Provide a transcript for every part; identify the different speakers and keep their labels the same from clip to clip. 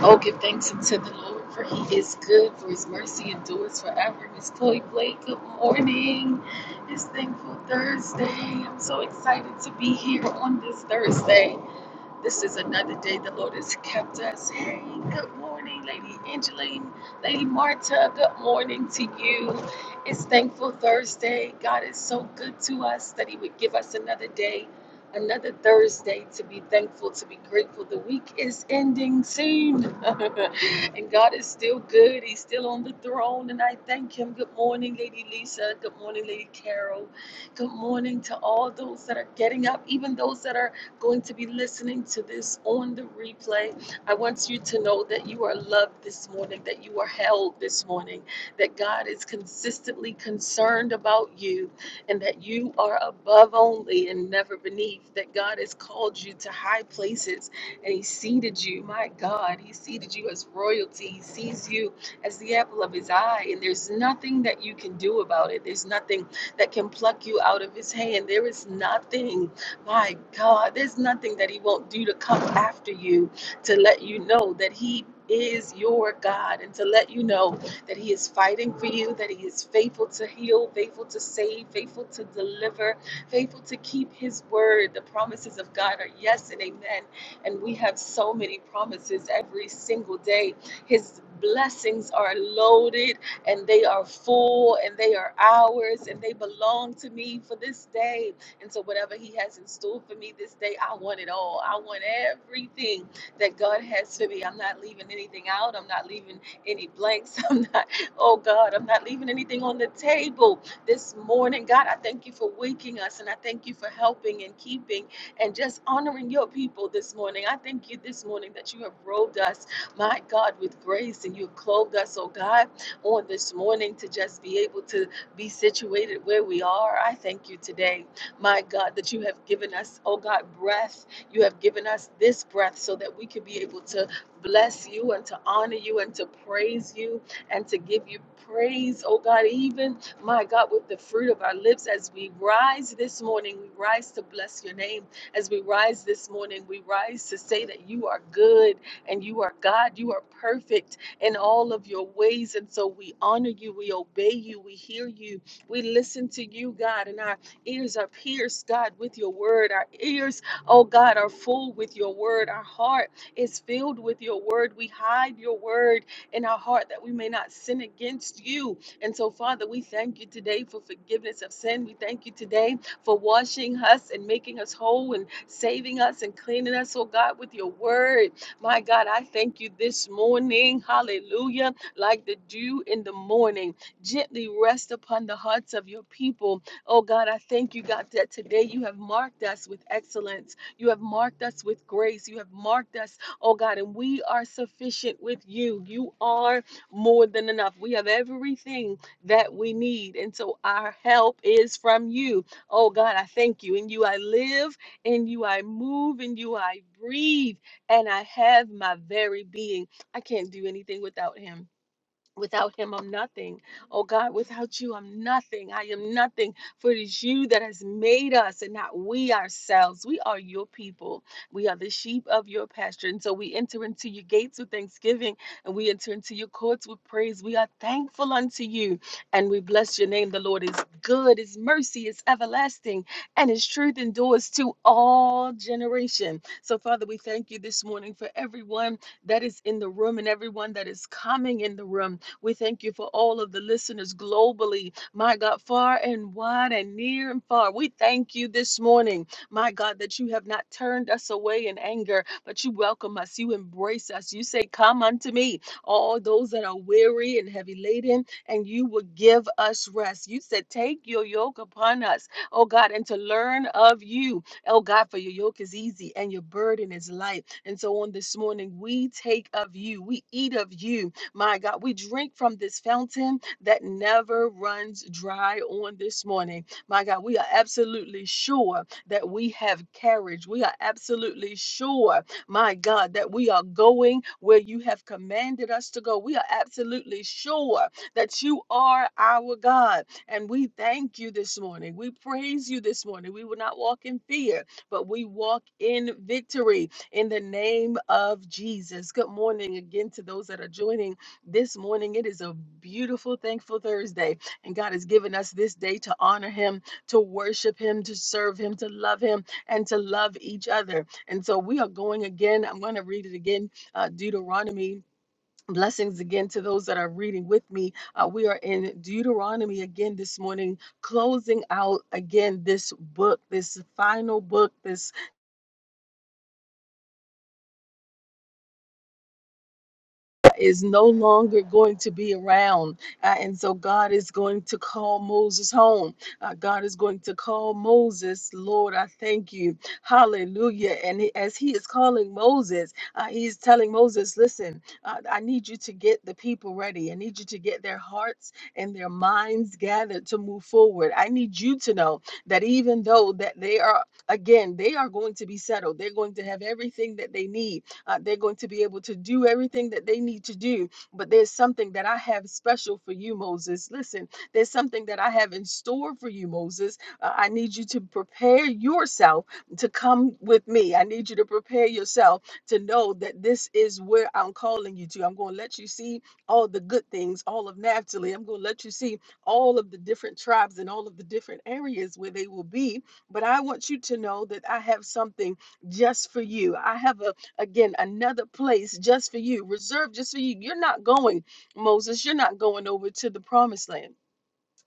Speaker 1: Oh, give thanks unto the Lord, for he is good, for his mercy endures forever. Miss Chloe Blake, good morning. It's Thankful Thursday. I'm so excited to be here on this Thursday. This is another day the Lord has kept us. Hey, good morning, Lady Angeline, Lady Marta. Good morning to you. It's Thankful Thursday. God is so good to us that He would give us another day, another Thursday to be thankful, to be grateful. The week is ending soon, and God is still good. He's still on the throne, and I thank Him. Good morning, Lady Lisa. Good morning, Lady Carol. Good morning to all those that are getting up, even those that are going to be listening to this on the replay, I want you to know that you are loved this morning, that you are held this morning, that God is consistently concerned about you, and that you are above only and never beneath, that God has called you to high places and He seated you. My God, He seated you as royalty, He sees you as the apple of His eye, and there's nothing that you can do about it. There's nothing that can pluck you out of His hand. There is nothing my God, there's nothing that He won't do to come after you to let you know that He is your God and to let you know that He is fighting for you, that He is faithful to heal, faithful to save, faithful to deliver, faithful to keep His word. The promises of God are yes and amen. And we have so many promises every single day. His blessings are loaded and they are full and they are ours and they belong to me for this day. And so, whatever He has in store for me this day, I want it all. I want everything that God has for me. I'm not leaving anything out. I'm not leaving any blanks. I'm not, oh God, I'm not leaving anything on the table this morning. God, I thank you for waking us and I thank you for helping and keeping and just honoring your people this morning. I thank you this morning that you have robed us, my God, with grace and you have clothed us, oh God, on this morning to just be able to be situated where we are. I thank you today my God, that you have given us, oh God, breath. You have given us this breath so that we could be able to bless you and to honor you and to praise you and to give you praise, oh God, even my God, with the fruit of our lips as we rise this morning, we rise to bless your name. As we rise this morning, we rise to say that you are good and you are God, you are perfect in all of your ways. And so we honor you, we obey you, we hear you, we listen to you, God, and our ears are pierced, God, with your word. Our ears, oh God, are full with your word. Our heart is filled with your word. We hide your word in our heart that we may not sin against you. And so, Father, we thank you today for forgiveness of sin. We thank you today for washing us and making us whole and saving us and cleaning us, oh God, with your word. My God, I thank you this morning. Hallelujah. Like the dew in the morning, gently rest upon the hearts of your people Oh God, I thank you, God, that today you have marked us with excellence. You have marked us with grace. You have marked us, oh God, and we are sufficient with you. You are more than enough. We have everything that we need. And so our help is from you. Oh God, I thank you. In you I live, in you I move, in you I breathe, and I have my very being. I can't do anything without him. Without him, I'm nothing. Oh God, without you, I'm nothing. I am nothing. For it is you that has made us and not we ourselves. We are your people. We are the sheep of your pasture. And so we enter into your gates with thanksgiving and we enter into your courts with praise. We are thankful unto you and we bless your name. The Lord is good. His mercy is everlasting and his truth endures to all generation. So Father, we thank you this morning for everyone that is in the room and everyone that is coming in the room. We thank you for all of the listeners globally, my God, far and wide and near and far. We thank you this morning, my God, that you have not turned us away in anger, but you welcome us, you embrace us. You say, Come unto me, all those that are weary and heavy laden, and you will give us rest. You said, Take your yoke upon us, oh God, and to learn of you, oh God, for your yoke is easy and your burden is light. And so on this morning, we take of you, we eat of you, my God, we drink from this fountain that never runs dry on this morning. My God, we are absolutely sure that we have carriage. We are absolutely sure, my God, that we are going where you have commanded us to go. We are absolutely sure that you are our God. And we thank you this morning. We praise you this morning. We will not walk in fear, but we walk in victory in the name of Jesus. Good morning again to those that are joining this morning. It is a beautiful, thankful Thursday, and God has given us this day to honor Him, to worship Him, to serve Him, to love Him, and to love each other. And so we are going again. I'm going to read it again, uh, Deuteronomy. Blessings again to those that are reading with me. Uh, we are in Deuteronomy again this morning, closing out again this book, this final book, this is no longer going to be around. Uh, and so God is going to call Moses home. Uh, God is going to call Moses, Lord, I thank you. Hallelujah. And he- as he is calling Moses, uh, he's telling Moses, listen, uh, I need you to get the people ready. I need you to get their hearts and their minds gathered to move forward. I need you to know that even though that they are, again, they are going to be settled, they're going to have everything that they need uh, they're going to be able to do everything that they need to do. But there's something that I have special for you, Moses. Listen, there's something that I have in store for you, Moses. Uh, I need you to prepare yourself to come with me. I need you to prepare yourself to know that this is where I'm calling you to. I'm going to let you see all the good things, all of Naphtali. I'm going to let you see all of the different tribes and all of the different areas where they will be. But I want you to know that I have something just for you. I have a Again, another place just for you, reserved just for you. You're not going, Moses, you're not going over to the promised land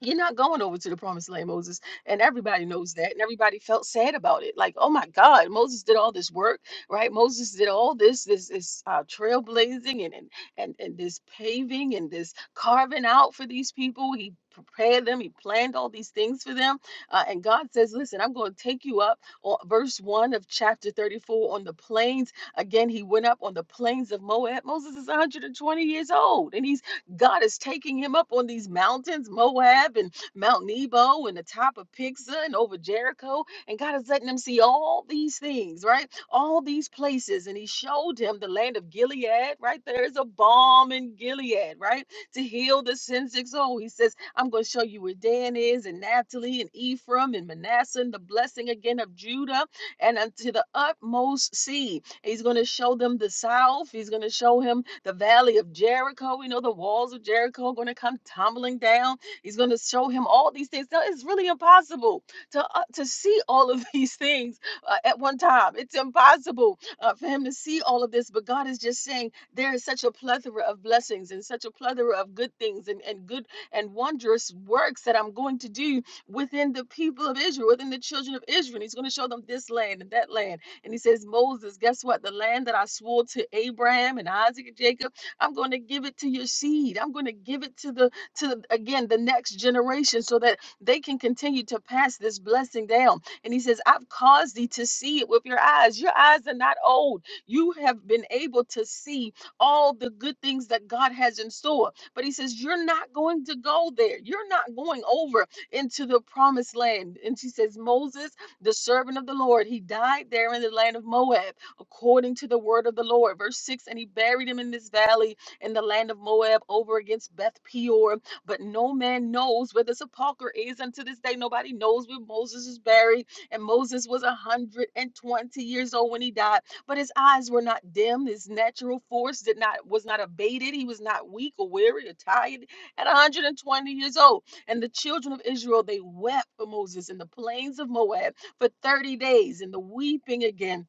Speaker 1: you're not going over to the promised land, Moses. And everybody knows that. And everybody felt sad about it. Like, oh my God, Moses did all this work, right? Moses did all this, this, this uh, trailblazing and, and and and this paving and this carving out for these people. He prepared them. He planned all these things for them. Uh, and God says, listen, I'm going to take you up on verse one of chapter 34 on the plains. Again, he went up on the plains of Moab. Moses is 120 years old and he's God is taking him up on these mountains, Moab and Mount Nebo and the top of Pisgah and over Jericho. And God is letting him see all these things, right? All these places. And he showed him the land of Gilead, right? There's a balm in Gilead, right? To heal the sin sick soul. He says, I'm going to show you where Dan is and Naphtali and Ephraim and Manasseh and the blessing again of Judah and unto the utmost sea. He's going to show them the south. He's going to show him the valley of Jericho. We know the walls of Jericho are going to come tumbling down. He's going to show him all these things. Now, it's really impossible to uh, to see all of these things uh, at one time. It's impossible uh, for him to see all of this. But God is just saying there is such a plethora of blessings and such a plethora of good things and, and good and wondrous works that I'm going to do within the people of Israel, within the children of Israel. And he's going to show them this land and that land and he says, Moses, guess what? The land that I swore to Abraham and Isaac and Jacob, I'm going to give it to your seed. I'm going to give it to the to the- again the next generation so that they can continue to pass this blessing down. And he says, I've caused thee to see it with your eyes. Your eyes are not old. You have been able to see all the good things that God has in store. But he says, You're not going to go there. You're not going over into the promised land. And she says, Moses, the servant of the Lord. He died there in the land of Moab, according to the word of the Lord. Verse 6 And he buried him in this valley in the land of Moab over against Beth Peor. But no man knows where the sepulchre is. And to this day, nobody knows where Moses is buried. And Moses was 120 years old when he died. But his eyes were not dim. His natural force did not was not abated. He was not weak or weary or tired at 120 years old. And the children of Israel, they wept for Moses in the plains of Moab for 30 days and the weeping again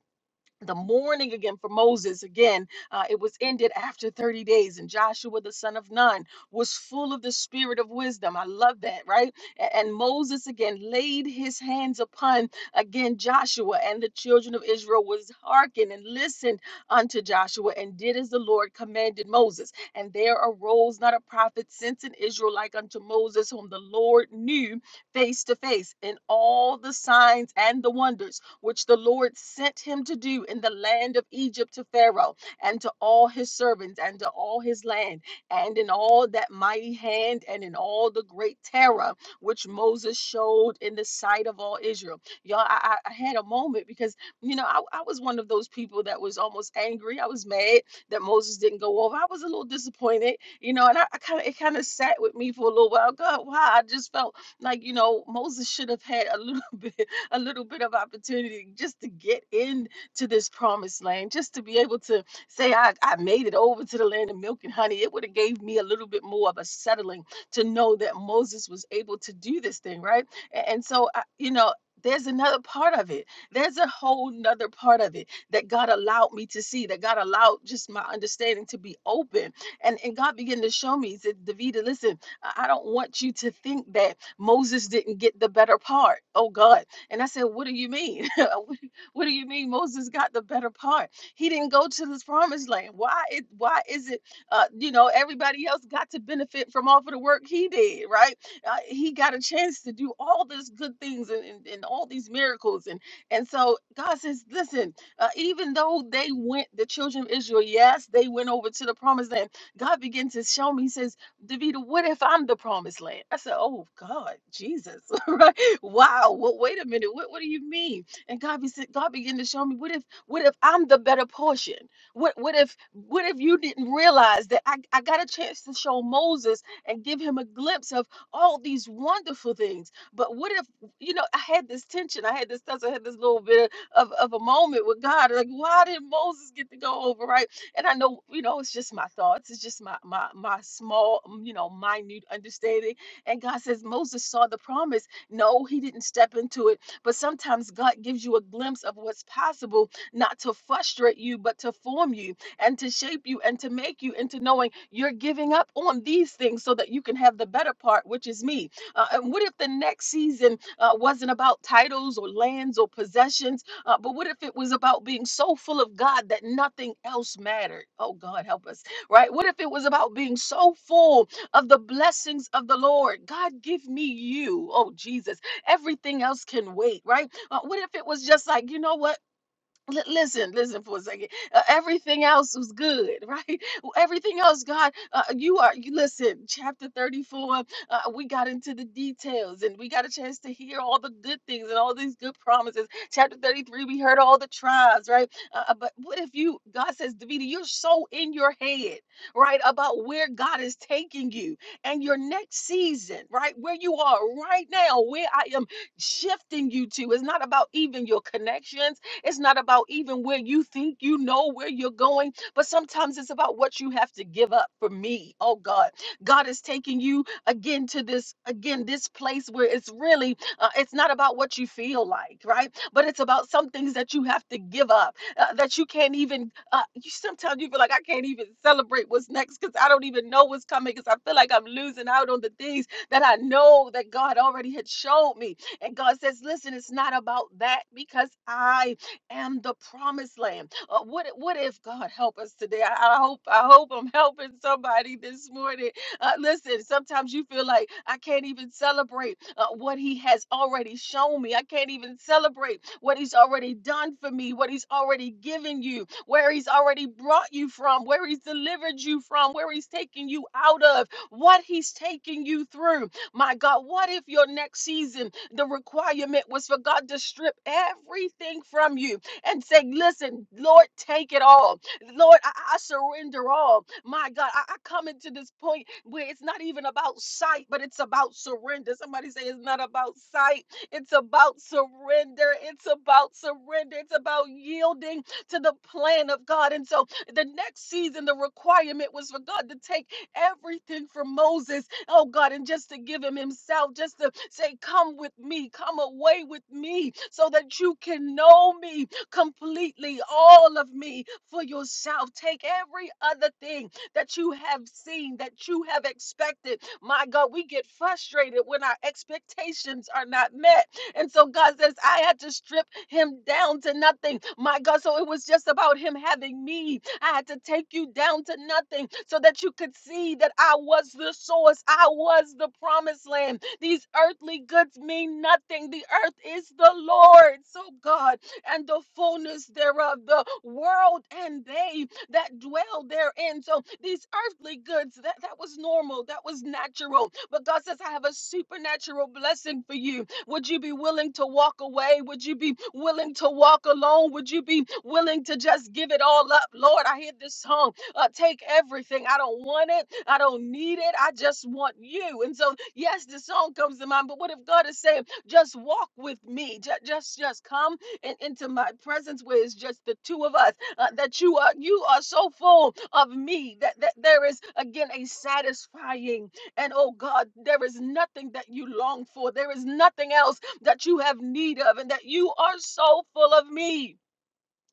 Speaker 1: the mourning again for Moses again uh, it was ended after 30 days and Joshua the son of Nun was full of the spirit of wisdom I love that right A- and Moses again laid his hands upon again Joshua and the children of Israel was hearkened and listened unto Joshua and did as the Lord commanded Moses and there arose not a prophet since in Israel like unto Moses whom the Lord knew face to face in all the signs and the wonders which the Lord sent him to do in the land of Egypt to Pharaoh and to all his servants and to all his land and in all that mighty hand and in all the great terror which Moses showed in the sight of all Israel. Y'all, I, I I had a moment because, you know, I, I was one of those people that was almost angry. I was mad that Moses didn't go over. I was a little disappointed, you know, and I, I kind of, it kind of sat with me for a little while. God, why? I just felt like you know moses should have had a little bit a little bit of opportunity just to get into this promised land just to be able to say i, I made it over to the land of milk and honey it would have gave me a little bit more of a settling to know that moses was able to do this thing right A- and, so I, you know there's another part of it. There's a whole nother part of it that God allowed me to see, that God allowed just my understanding to be open. And and God began to show me, he said, Davida, listen, I I don't want you to think that Moses didn't get the better part. Oh God. And I said, What do you mean? what what do you mean Moses got the better part? He didn't go to this promised land. Why it why is it uh you know everybody else got to benefit from all of the work he did, right? Uh, he got a chance to do all these good things and, and, and all these miracles and and so God says, Listen, uh, even though they went, the children of Israel, yes, they went over to the promised land. God began to show me, He says Davita, what if I'm the promised land? I said, Oh God, Jesus, right? Wow. Well, wait a minute. What what do you mean? And God be God began to show me, what if what if I'm the better portion? What what if what if you didn't realize that I, I got a chance to show Moses and give him a glimpse of all these wonderful things? But what if, you know, I had this tension, I had this tussle, I had this little bit of, of a moment with God. Like, why did Moses get to go over, right? and I know, you know, it's just my thoughts. It's just my my my small, mm, you know, minute understanding. And God says Moses saw the promise. No, he didn't step into it. But sometimes God gives you a glimpse of what's possible, not to frustrate you, but to form you and to shape you and to make you into knowing you're giving up on these things so that you can have the better part, which is me. Uh, and what if the next season uh, wasn't about titles or lands or possessions? Uh, but what if it was about being so full of God that nothing else mattered? Oh, God, help us, right? What if it was about being so full of the blessings of the Lord? God, give me you. Oh, Jesus. Everything else can wait, right? Uh, what if it was just like, you know what? Li- Listen, listen for a second. Uh, everything else was good, right? Well, Everything else, God, uh, you are. You listen, chapter thirty-four. Uh, we got into the details, and we got a chance to hear all the good things and all these good promises. Chapter thirty-three, we heard all the tribes, right? Uh, uh, but what if you? God says, Davida, you're so in your head, right, about where God is taking you and your next season, right, where you are right now, where I am shifting you to. It's not about even your connections. It's not about even where you think you know where you're going, but sometimes it's about what you have to give up for me. Oh God, God is taking you again to this again this place where it's really uh, it's not about what you feel like, right? But it's about some things that you have to give up uh, that you can't even. Uh, you sometimes you feel like I can't even celebrate what's next because I don't even know what's coming because I feel like I'm losing out on the things that I know that God already had showed me. And God says, listen, it's not about that because I am the promised land. Uh, what, what if God help us today? I, I hope I hope I'm helping somebody this morning. Uh, listen, sometimes you feel like I can't even celebrate uh, what He has already shown me. I can't even celebrate what He's already done for me, what He's already given you, where He's already brought you from, where He's delivered you from, where He's taken you out of, what He's taking you through. My God, what if your next season the requirement was for God to strip everything from you? and say, Listen, Lord, take it all. Lord, I, I surrender all. My God, I, I come into this point where it's not even about sight, but it's about surrender. Somebody say it's not about sight, it's about surrender. It's about surrender. It's about yielding to the plan of God. And so the next season, the requirement was for God to take everything from Moses, oh God, and just to give him himself, just to say, Come with me, come away with me, so that you can know me, completely all of me for yourself. Take every other thing that you have seen, that you have expected. My God, we get frustrated when our expectations are not met. And so God says, I had to strip him down to nothing. My God, so it was just about him having me. I had to take you down to nothing so that you could see that I was the source, I was the promised land. These earthly goods mean nothing. The earth is the Lord's. So, God, and the fullness thereof, the world and they that dwell therein. So these earthly goods, that, that was normal, that was natural. But God says, I have a supernatural blessing for you. Would you be willing to walk away? Would you be willing to walk alone? Would you be willing to just give it all up? Lord, I hear this song. Uh, take everything. I don't want it. I don't need it. I just want you. And so, yes, the song comes to mind, but what if God is saying, just walk with me? Just just, just come and into my presence where it's just the two of us uh, that you are you are so full of me that, that there is again a satisfying and oh god there is nothing that you long for there is nothing else that you have need of and that you are so full of me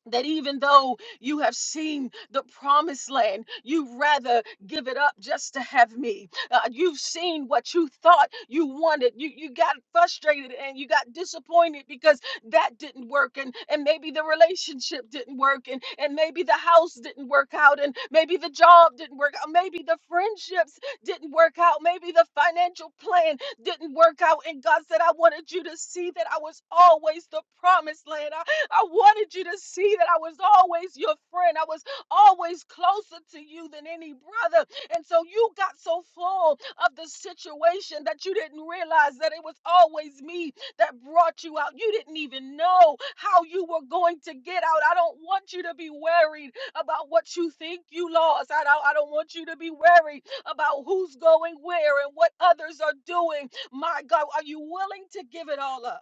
Speaker 1: that even though you have seen the promised land, you rather give it up just to have me. Uh, you've seen what you thought you wanted. You you got frustrated and you got disappointed because that didn't work, and and maybe the relationship didn't work, and and maybe the house didn't work out, and maybe the job didn't work out, maybe the friendships didn't work out, maybe the financial plan didn't work out. And God said, I wanted you to see that I was always the promised land. I wanted you to see that I was always your friend. I was always closer to you than any brother. And so you got so full of the situation that you didn't realize that it was always me that brought you out. You didn't even know how you were going to get out. I don't want you to be worried about what you think you lost. I don't, I don't want you to be worried about who's going where and what others are doing. My God, are you willing to give it all up?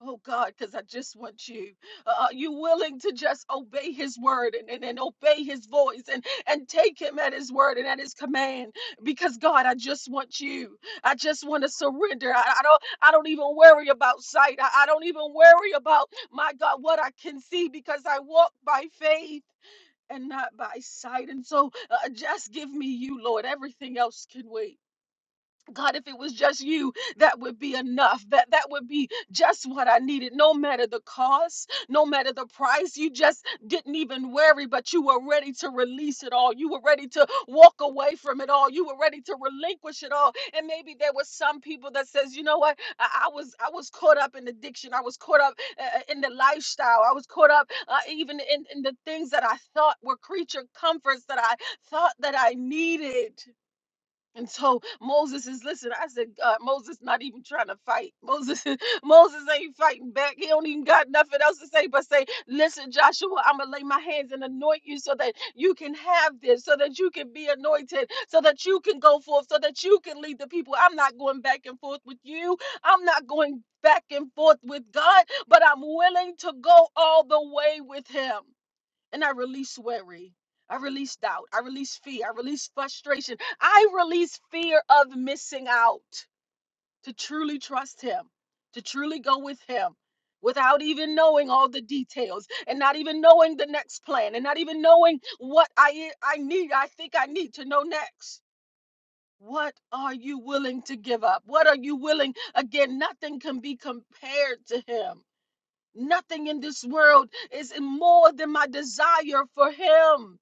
Speaker 1: Oh God, because I just want you. Uh, are you willing to just obey His word and, and, and obey His voice and, and take Him at His word and at His command? Because God, I just want you. I just want to surrender. I, I don't I don't even worry about sight. I, I don't even worry about my God what I can see because I walk by faith and not by sight. And so uh, just give me you, Lord. Everything else can wait. God, if it was just you, that would be enough. That that would be just what I needed. No matter the cost, no matter the price, you just didn't even worry, but you were ready to release it all. You were ready to walk away from it all. You were ready to relinquish it all. And maybe there were some people that says, you know what? I, I was I was caught up in addiction. I was caught up uh, uh, in the lifestyle. I was caught up uh, even in, in the things that I thought were creature comforts that I thought that I needed. And so Moses is listen. I said, God, Moses not even trying to fight. Moses, is- Moses ain't fighting back. He don't even got nothing else to say but say, listen, Joshua, I'm gonna lay my hands and anoint you so that you can have this, so that you can be anointed, so that you can go forth, so that you can lead the people. I'm not going back and forth with you. I'm not going back and forth with God, but I'm willing to go all the way with Him and I release worry. I release doubt. I release fear. I release frustration. I release fear of missing out to truly trust Him, to truly go with Him without even knowing all the details and not even knowing the next plan and not even knowing what I, I need, I think I need to know next. What are you willing to give up? What are you willing? Again, nothing can be compared to Him. Nothing in this world is more than my desire for Him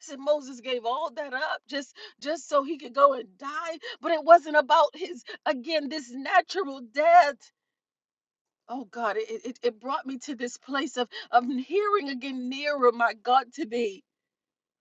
Speaker 1: said Moses gave all that up just just so he could go and die. But it wasn't about his again this natural death. Oh God, it, it, it brought me to this place of of hearing again nearer, my God, to thee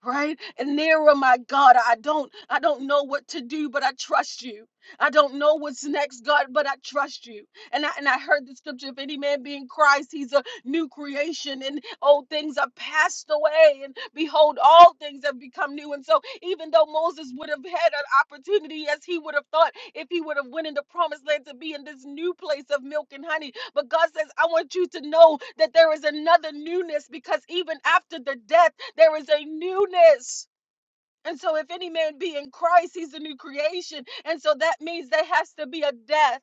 Speaker 1: right and narrow my god i don't i don't know what to do but i trust you i don't know what's next god but i trust you and i and i heard the scripture if any man be in christ he's a new creation and old things are passed away and behold all things have become new and so even though moses would have had an opportunity as he would have thought if he would have went into promised land to be in this new place of milk and honey but god says i want you to know that there is another newness because even after the death there is a newness. And so, if any man be in Christ, he's a new creation. And so that means there has to be a death.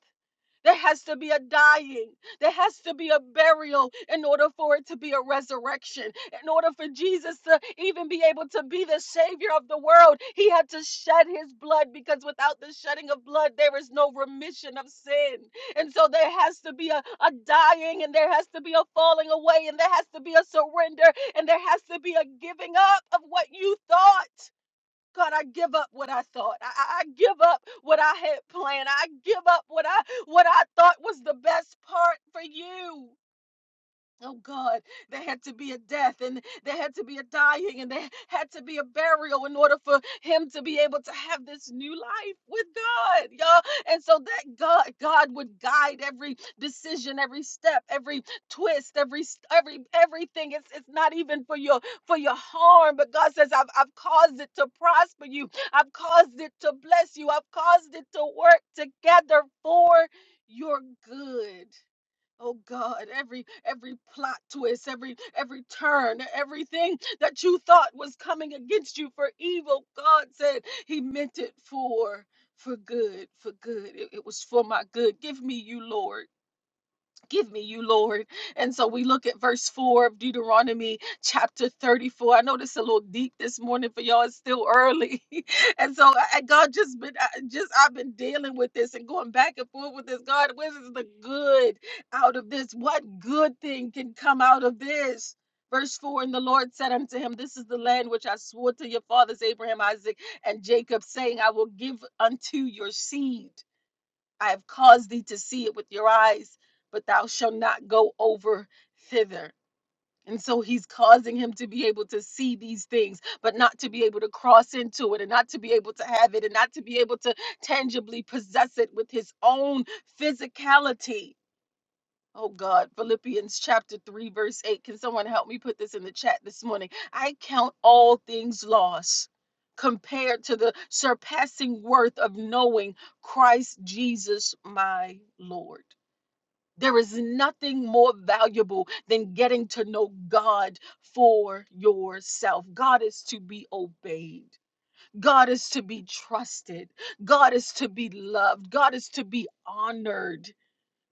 Speaker 1: There has to be a dying. There has to be a burial in order for it to be a resurrection. In order for Jesus to even be able to be the Savior of the world, he had to shed his blood because without the shedding of blood, there is no remission of sin. And so there has to be a, a dying, and there has to be a falling away, and there has to be a surrender, and there has to be a giving up of what you thought. God, I give up what I thought. I, I I give up what I had planned. I give up what I what I thought was the best part for you. Oh God, there had to be a death and there had to be a dying and there had to be a burial in order for him to be able to have this new life with God, y'all. And so that God God would guide every decision, every step, every twist, every s- every everything. It's it's not even for your for your harm, but God says, I've I've caused it to prosper you, I've caused it to bless you, I've caused it to work together for your good. Oh God, every every plot twist, every every turn, everything that you thought was coming against you for evil, God said he meant it for for good, for good. It, it was for my good. Give me you, Lord. Give me you, Lord. And so we look at verse 4 of Deuteronomy chapter 34. I know this is a little deep this morning for y'all. It's still early. and so I, I- God just been I, just I've been dealing with this and going back and forth with this. God, what is the good out of this? What good thing can come out of this? Verse 4 And the Lord said unto him, This is the land which I swore to your fathers, Abraham, Isaac, and Jacob, saying, I will give unto your seed. I have caused thee to see it with your eyes, but thou shalt not go over thither. And so he's causing him to be able to see these things, but not to be able to cross into it and not to be able to have it and not to be able to tangibly possess it with his own physicality Oh God, Philippians chapter 3, verse 8. Can someone help me put this in the chat this morning? I count all things lost compared to the surpassing worth of knowing Christ Jesus my Lord. There is nothing more valuable than getting to know God for yourself. God is to be obeyed. God is to be trusted. God is to be loved. God is to be honored.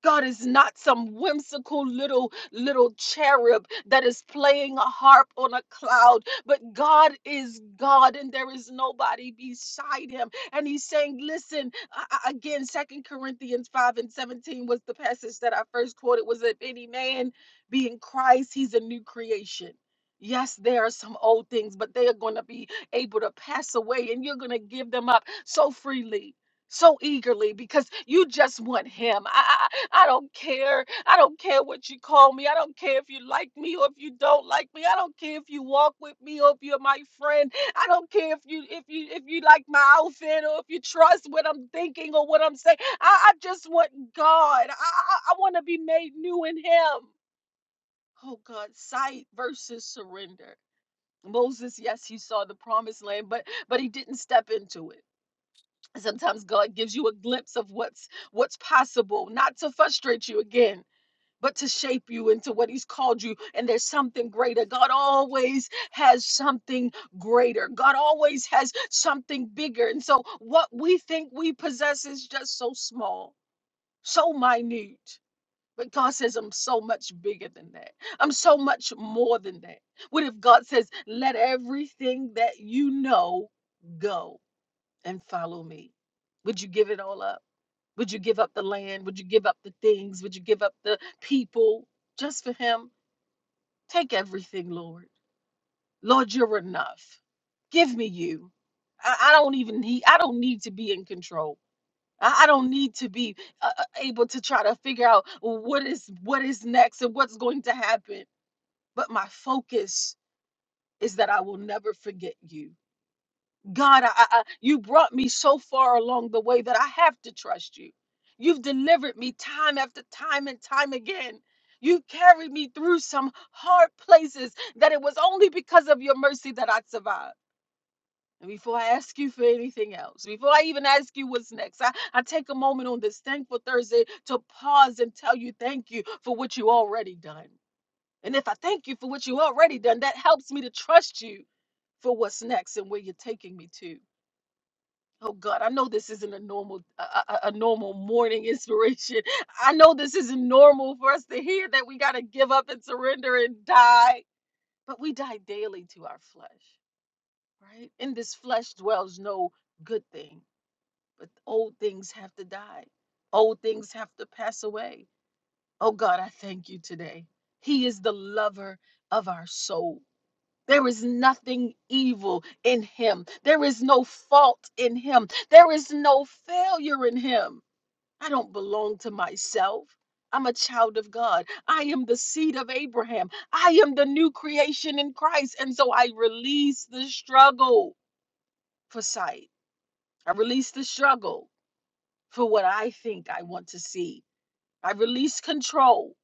Speaker 1: God is not some whimsical little little cherub that is playing a harp on a cloud, but God is God and there is nobody beside him. And he's saying, listen, I- I- again, Second Corinthians 5 and 17 was the passage that I first quoted was that if any man be in Christ, he's a new creation. Yes, there are some old things, but they are going to be able to pass away and you're going to give them up so freely so eagerly because you just want him. I, I I don't care. I don't care what you call me. I don't care if you like me or if you don't like me. I don't care if you walk with me or if you're my friend. I don't care if you if you if you like my outfit or if you trust what I'm thinking or what I'm saying. I, I just want God. I I, I want to be made new in him. Oh God, sight versus surrender. Moses, yes, he saw the promised land, but but he didn't step into it sometimes god gives you a glimpse of what's what's possible not to frustrate you again but to shape you into what he's called you and there's something greater god always has something greater god always has something bigger and so what we think we possess is just so small so minute but God says, I'm so much bigger than that. I'm so much more than that. What if God says, let everything that you know go? and follow me? Would you give it all up? Would you give up the land? Would you give up the things? Would you give up the people just for him? Take everything, Lord. Lord, you're enough. Give me you. I, I don't even need, I don't need to be in control. I, I don't need to be uh, uh, able to try to figure out what is what is next and what's going to happen. But my focus is that I will never forget you. God, I, I, I- you brought me so far along the way that I have to trust you. You've delivered me time after time and time again. You carried me through some hard places that it was only because of your mercy that I survived. And before I ask you for anything else, before I even ask you what's next, I, I take a moment on this thankful Thursday to pause and tell you thank you for what you already done. And if I thank you for what you already done, that helps me to trust you for what's next and where you're taking me to. Oh God, I know this isn't a normal a, a, a normal morning inspiration. I know this isn't normal for us to hear that we got to give up and surrender and die, but we die daily to our flesh, right? In this flesh dwells no good thing, but old things have to die. Old things have to pass away. Oh God, I thank you today. He is the lover of our soul. There is nothing evil in him. There is no fault in him. There is no failure in him. I don't belong to myself. I'm a child of God. I am the seed of Abraham. I am the new creation in Christ. And so I release the struggle for sight. I release the struggle for what I think I want to see. I release control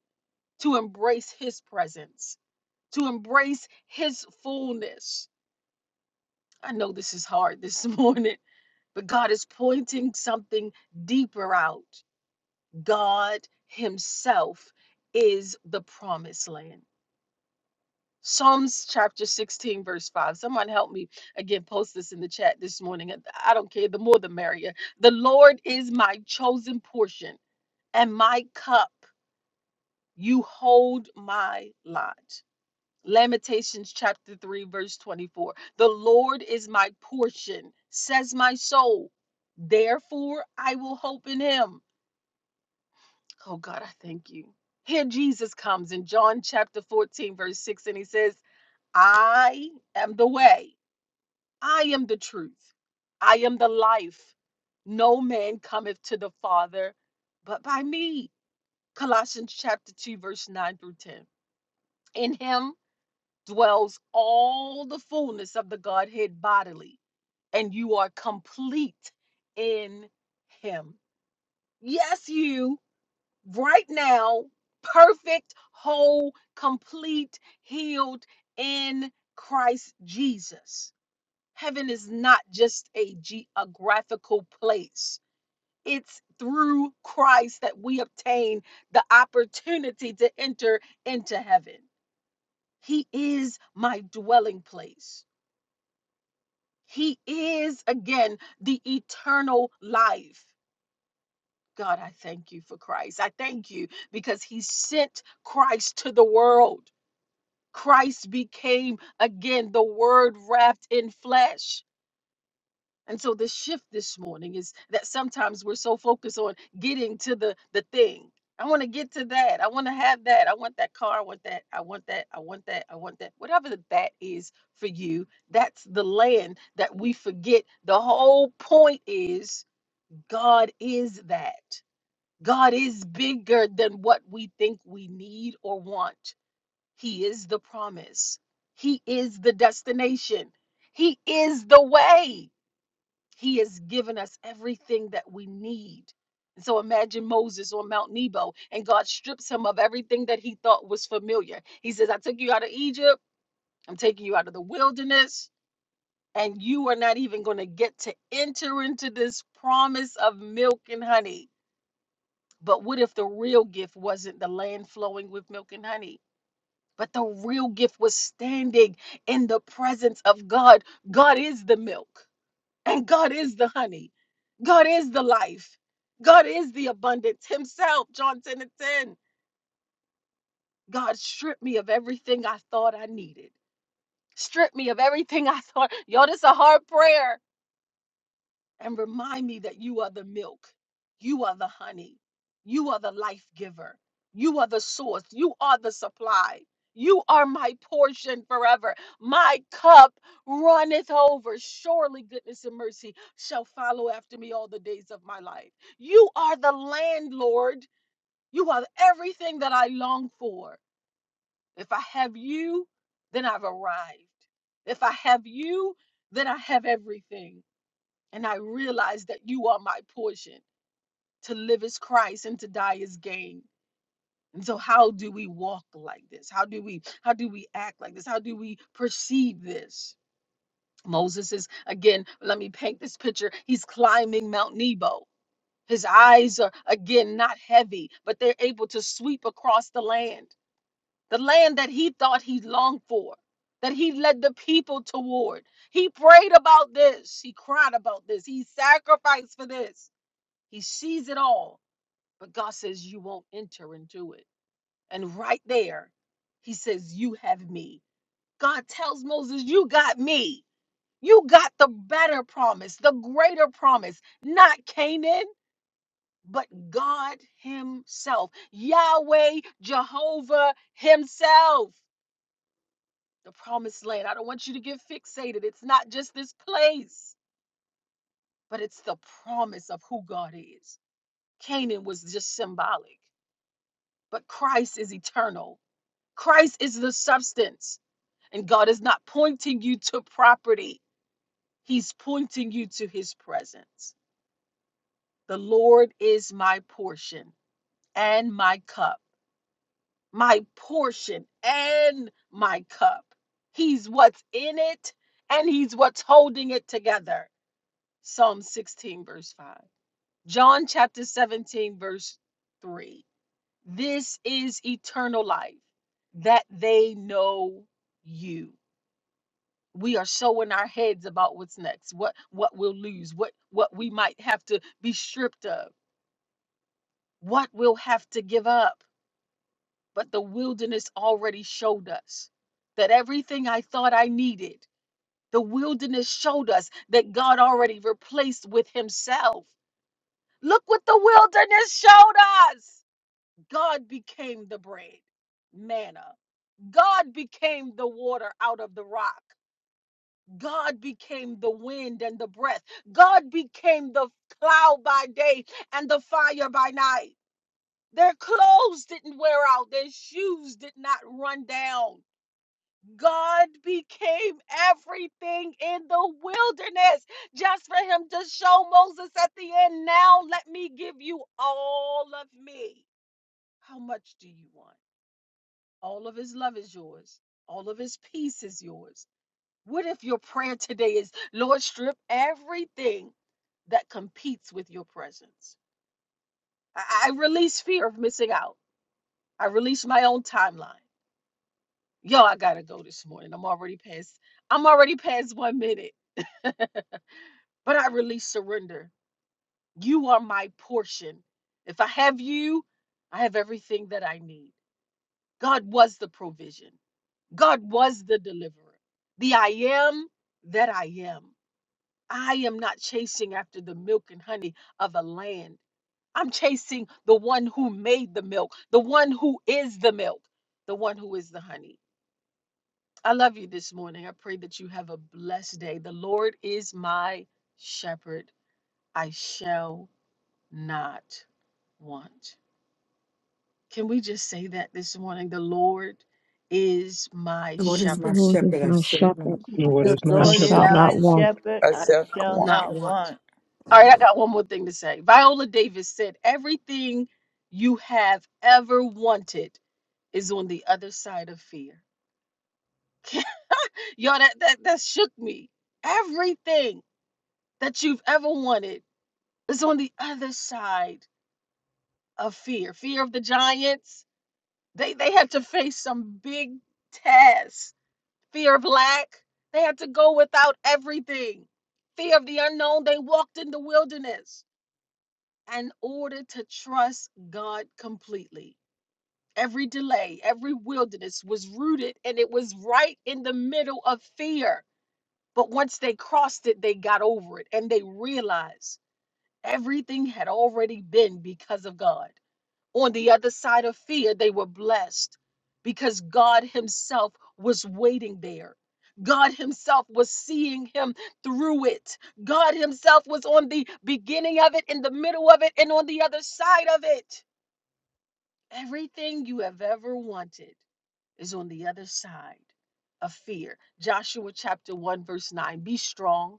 Speaker 1: to embrace his presence, to embrace his fullness I know this is hard this morning, but God is pointing something deeper out. God Himself is the promised land. Psalms chapter 16, verse 5. Someone help me again, post this in the chat this morning. I don't care, the more the merrier. The Lord is my chosen portion and my cup. You hold my lot. Lamentations chapter 3, verse 24. The Lord is my portion, says my soul. Therefore, I will hope in him. Oh God, I thank you. Here Jesus comes in John chapter 14, verse 6, and he says, I am the way, I am the truth, I am the life. No man cometh to the Father but by me. Colossians chapter 2, verse 9 through 10. In him, dwells all the fullness of the Godhead bodily, and you are complete in Him. Yes, you, right now, perfect, whole, complete, healed in Christ Jesus. Heaven is not just a geographical place. It's through Christ that we obtain the opportunity to enter into heaven. He is my dwelling place. He is, again, the eternal life. God, I thank you for Christ. I thank you because He sent Christ to the world. Christ became, again, the Word wrapped in flesh. And so the shift this morning is that sometimes we're so focused on getting to the the thing. I want to get to that. I want to have that. I want that car. I want that. I want that. I want that. I want that. Whatever that is for you, that's the land that we forget. The whole point is God is that. God is bigger than what we think we need or want. He is the promise. He is the destination. He is the way. He has given us everything that we need. And so imagine Moses on Mount Nebo, and God strips him of everything that he thought was familiar. He says, I took you out of Egypt, I'm taking you out of the wilderness, and you are not even going to get to enter into this promise of milk and honey. But what if the real gift wasn't the land flowing with milk and honey? But the real gift was standing in the presence of God. God is the milk, and God is the honey. God is the life. God is the abundance himself. John 10 and 10. God stripped me of everything I thought I needed. Strip me of everything I thought. Yo, this is a hard prayer and remind me that you are the milk, you are the honey, you are the life giver, you are the source, you are the supply, you are my portion forever. My cup runneth over. Surely goodness and mercy shall follow after me all the days of my life. You are the landlord, you are everything that I long for. If I have you, then I've arrived. If I have you, then I have everything. And I realize that you are my portion. To live is Christ and to die is gain. And so how do we walk like this? How do we how do we act like this? How do we perceive this? Moses is again, let me paint this picture. He's climbing Mount Nebo. His eyes are again not heavy, but they're able to sweep across the land. The land that he thought he longed for, that he led the people toward. He prayed about this. He cried about this. He sacrificed for this He sees it all, but God says, You won't enter into it. And right there, he says, You have me. God tells Moses, You got me. You got the better promise, the greater promise, not Canaan, but God Himself, Yahweh, Jehovah Himself, the promised land. I don't want you to get fixated. It's not just this place, but it's the promise of who God is. Canaan was just symbolic. but Christ is eternal. Christ is the substance, and God is not pointing you to property, He's pointing you to His presence. The Lord is my portion and my cup, my portion and my cup. He's what's in it, and He's what's holding it together. Psalm 16, verse 5. John chapter 17, verse 3. This is eternal life that they know you. We are showing our heads about what's next, what what we'll lose, what what we might have to be stripped of, what we'll have to give up. But the wilderness already showed us that everything I thought I needed, the wilderness showed us that God already replaced with himself. Look what the wilderness showed us. God became the bread, manna God became the water out of the rock. God became the wind and the breath. God became the cloud by day and the fire by night. Their clothes didn't wear out, their shoes did not run down. God became everything in the wilderness just for him to show Moses at the end. Now let me give you all of me. How much do you want? All of his love is yours, all of his peace is yours. What if your prayer today is, Lord, strip everything that competes with your presence? I, I release fear of missing out. I release my own timeline. Yo, I gotta go this morning. I'm already past. I'm already past one minute. but I release surrender. You are my portion. If I have you, I have everything that I need. God was the provision, God was the deliverer, the I am that I am. I am not chasing after the milk and honey of a land. I'm chasing the one who made the milk, the one who is the milk, the one who is the honey. I love you this morning. I pray that you have a blessed day. The Lord is my shepherd. I shall not want. Can we just say that this morning? The Lord is my
Speaker 2: The Lord is
Speaker 3: The
Speaker 2: my
Speaker 1: shepherd.
Speaker 3: Lord is
Speaker 2: shepherd. I
Speaker 3: my
Speaker 2: shall not
Speaker 3: shepherd,
Speaker 2: want.
Speaker 4: Lord
Speaker 5: The
Speaker 4: is
Speaker 1: I
Speaker 4: my
Speaker 3: I
Speaker 5: Lord
Speaker 3: shall
Speaker 5: is
Speaker 4: shepherd.
Speaker 3: not
Speaker 5: my
Speaker 1: shall
Speaker 3: want.
Speaker 5: shepherd,
Speaker 6: I
Speaker 5: I
Speaker 6: shall not
Speaker 5: shall
Speaker 6: want.
Speaker 1: not
Speaker 5: not
Speaker 1: want.
Speaker 5: want.
Speaker 1: All right, I got one more thing to say. Viola Davis said, Everything you have ever wanted is on the other side of fear. Y'all, that, that, that shook me. Everything that you've ever wanted is on the other side of fear. Fear of the giants. They, they had to face some big tests. Fear of lack. They had to go without everything. Fear of the unknown. They walked in the wilderness. in order to trust God completely. Every delay, every wilderness was rooted and it was right in the middle of fear. But once they crossed it, they got over it and they realized everything had already been because of God on the other side of fear, they were blessed because God Himself was waiting there. God Himself was seeing him through it. God Himself was on the beginning of it, in the middle of it, and on the other side of it. Everything you have ever wanted is on the other side of fear. Joshua chapter 1, verse 9 Be strong,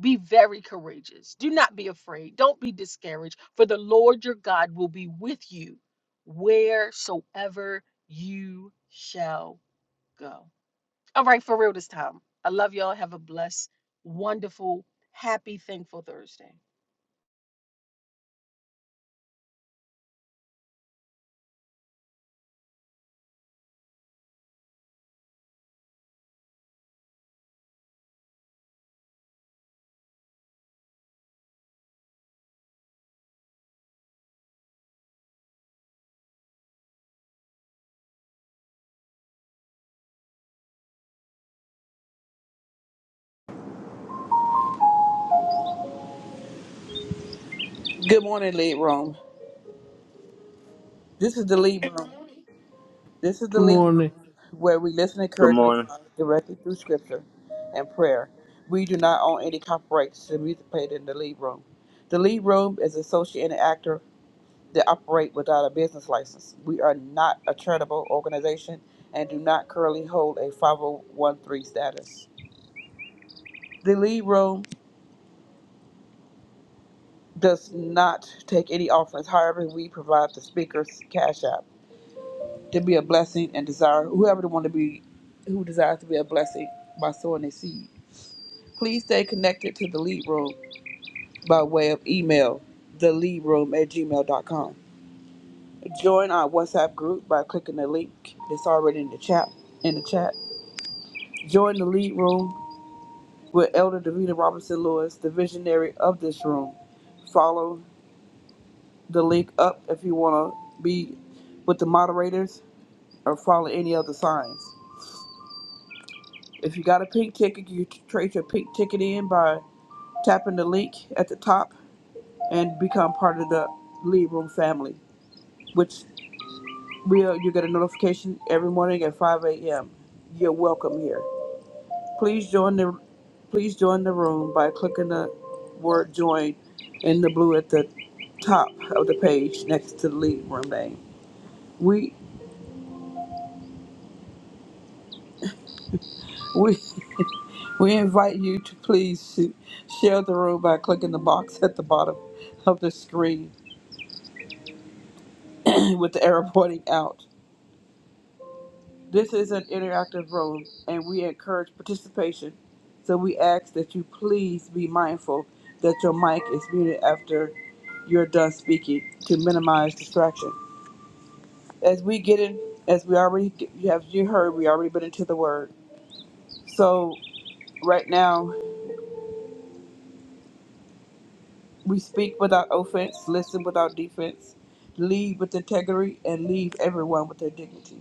Speaker 1: be very courageous. Do not be afraid, don't be discouraged, for the Lord your God will be with you wheresoever you shall go. All right, for real this time. I love y'all. Have a blessed, wonderful, happy, thankful Thursday.
Speaker 6: Good morning, Lead Room. This is the Lead Room. This is the
Speaker 7: Good
Speaker 6: Lead Room
Speaker 7: morning,
Speaker 6: where we listen,
Speaker 8: Good
Speaker 6: encourage, and
Speaker 8: morning.
Speaker 6: advise directly through scripture and prayer. We do not own any copyrights to the music played in the Lead Room. The Lead Room is associate and actor that operate without a business license. We are not a charitable organization and do not currently hold a 501 status. The lead room does not take any offerings. However, we provide the speaker's cash app. to be a blessing and desire whoever to want to be who desires to be a blessing by sowing their seed. Please stay connected to the lead room by way of email, theleadroom at gmail.com. Join our WhatsApp group by clicking the link that's already in the chat in the chat. Join the lead room with Elder Davita Robinson Lewis, the visionary of this room. Follow the link up if you want to be with the moderators or follow any other signs. If you got a pink ticket, you can trade your pink ticket in by tapping the link at the top and become part of the Lead Room family, which will you get a notification every morning at 5 a.m. You're welcome here. Please join the please join the room by clicking the word join in the blue at the top of the page next to the Lead Room name. We we we invite you to please sh- share the room by clicking the box at the bottom of the screen with the error pointing out. This is an interactive room and we encourage participation. So we ask that you please be mindful that your mic is muted after you're done speaking to minimize distraction. As we get in, as we already you have you heard, we already been into the word. So right now we speak without offense, listen without defense, lead with integrity, and leave everyone with their dignity.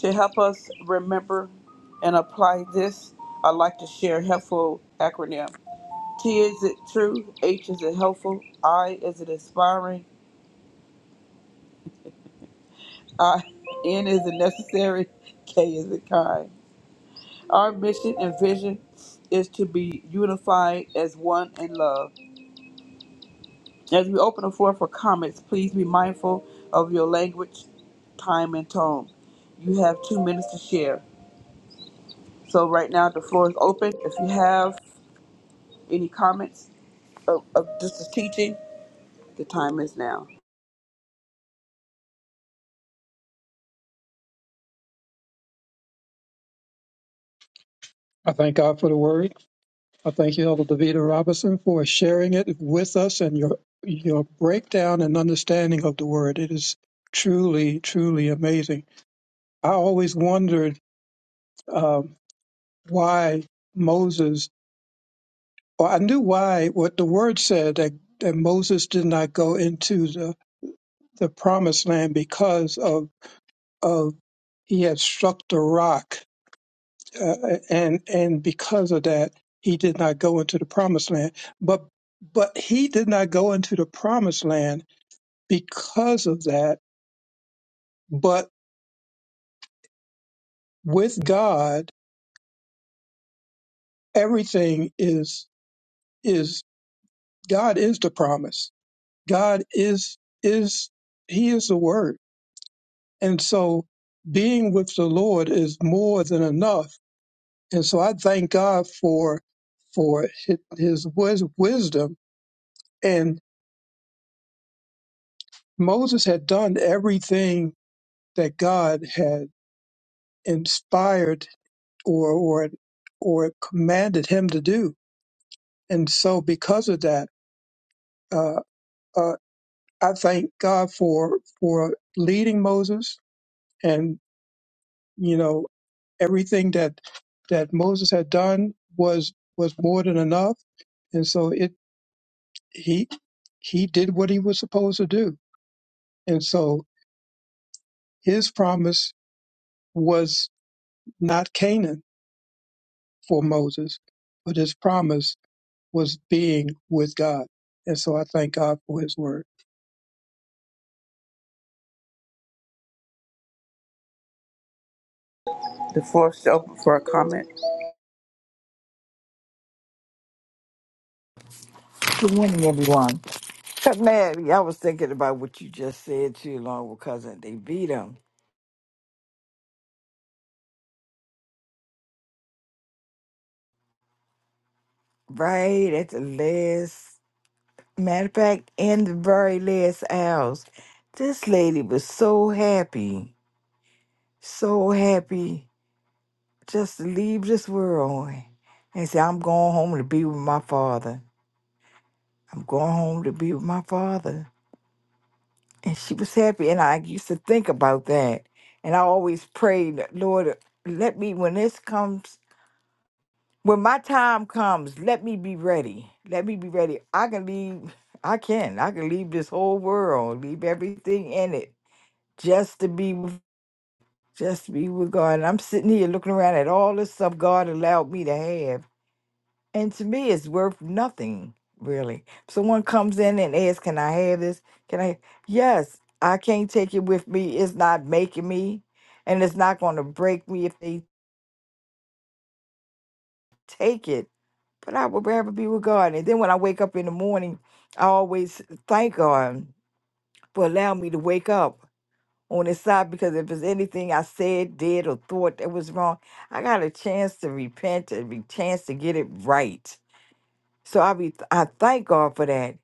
Speaker 6: To help us remember and apply this, I'd like to share a helpful acronym. T is it true, H is it helpful, I is it inspiring, I N is it necessary, K is it kind. Our mission and vision is to be unified as one in love. As we open the floor for comments, please be mindful of your language, time, and tone. You have two minutes to share. So right now the floor is open. If you have any comments, of, of this is teaching, the time is now.
Speaker 4: I thank God for the word. I thank you, Elder Davida Robinson, for sharing it with us and your your breakdown and understanding of the word. It is truly, truly amazing. I always wondered um, why Moses, or I knew why what the word said that, that Moses did not go into the, the promised land because of of he had struck the rock uh, and and because of that he did not go into the promised land but but he did not go into the promised land because of that but with god everything is is god is the promise god is is he is the word and so being with the lord is more than enough and so i thank god for for his, his wis- wisdom and moses had done everything that God had inspired or or or commanded him to do. And so, because of that, uh, uh, I thank God for for leading Moses, and you know everything that that Moses had done was was more than enough. And so it he he did what he was supposed to do. And so his promise was not Canaan for Moses, but his promise was being with God. And so I thank God for his word.
Speaker 6: The floor is still open for a comment.
Speaker 2: Good morning, everyone. Cousin Mary, I was thinking about what you just said to your long cousin. They beat him right at the last. Matter of fact, in the very last hours, this lady was so happy, so happy just to leave this world and say, I'm going home to be with my father. I'm going home to be with my father. and she was happy. And I used to think about that. And I always prayed, Lord, let me, when this comes, when my time comes, let me be ready. Let me be ready. I can leave, I can, I can leave this whole world, leave everything in it just to be, with- just to be with God. And I'm sitting here looking around at all this stuff God allowed me to have. And to me, it's worth nothing, really. Someone comes in and asks, Can I have this? Can I? Yes, I can't take it with me. It's not making me, and it's not going to break me if they take it. But I would rather be with God. And then when I wake up in the morning, I always thank God for allowing me to wake up on His side because if there's anything I said, did, or thought that was wrong, I got a chance to repent and a chance to get it right. So I be I thank God for that.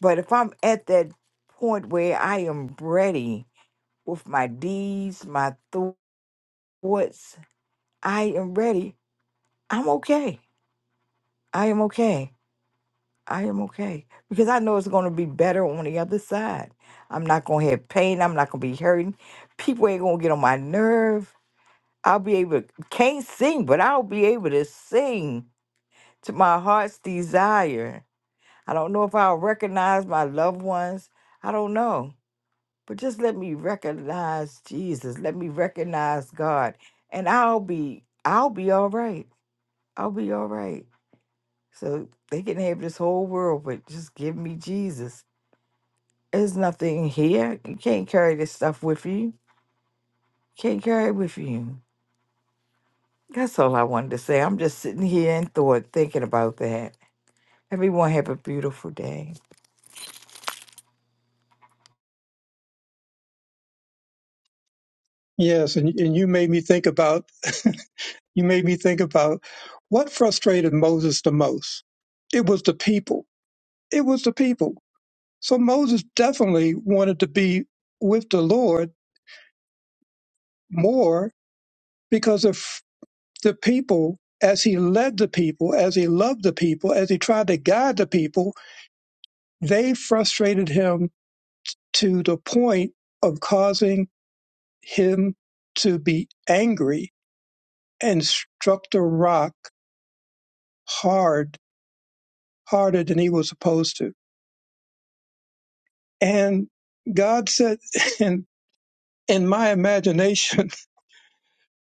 Speaker 2: But if I'm at that point where I am ready with my deeds, my thoughts, I am ready, I'm okay. I am okay. I am okay. Because I know it's going to be better on the other side. I'm not going to have pain. I'm not going to be hurting. People ain't going to get on my nerve. I'll be able can't sing, but I'll be able to sing to my heart's desire. I don't know if I'll recognize my loved ones. I don't know. but just let me recognize Jesus. Let me recognize God, and I'll be I'll be all right. I'll be all right. So they can have this whole world, but just give me Jesus. There's nothing here. You can't carry this stuff with you. Can't carry it with you. That's all I wanted to say. I'm just sitting here in thought, thinking about that. Everyone have a beautiful day.
Speaker 4: Yes, and, and you made me think about you made me think about what frustrated Moses the most. It was the people. It was the people. So Moses definitely wanted to be with the Lord more because of the people as he led the people, as he loved the people, as he tried to guide the people, they frustrated him to the point of causing him to be angry and struck the rock hard, harder than he was supposed to. And God said, and in my imagination,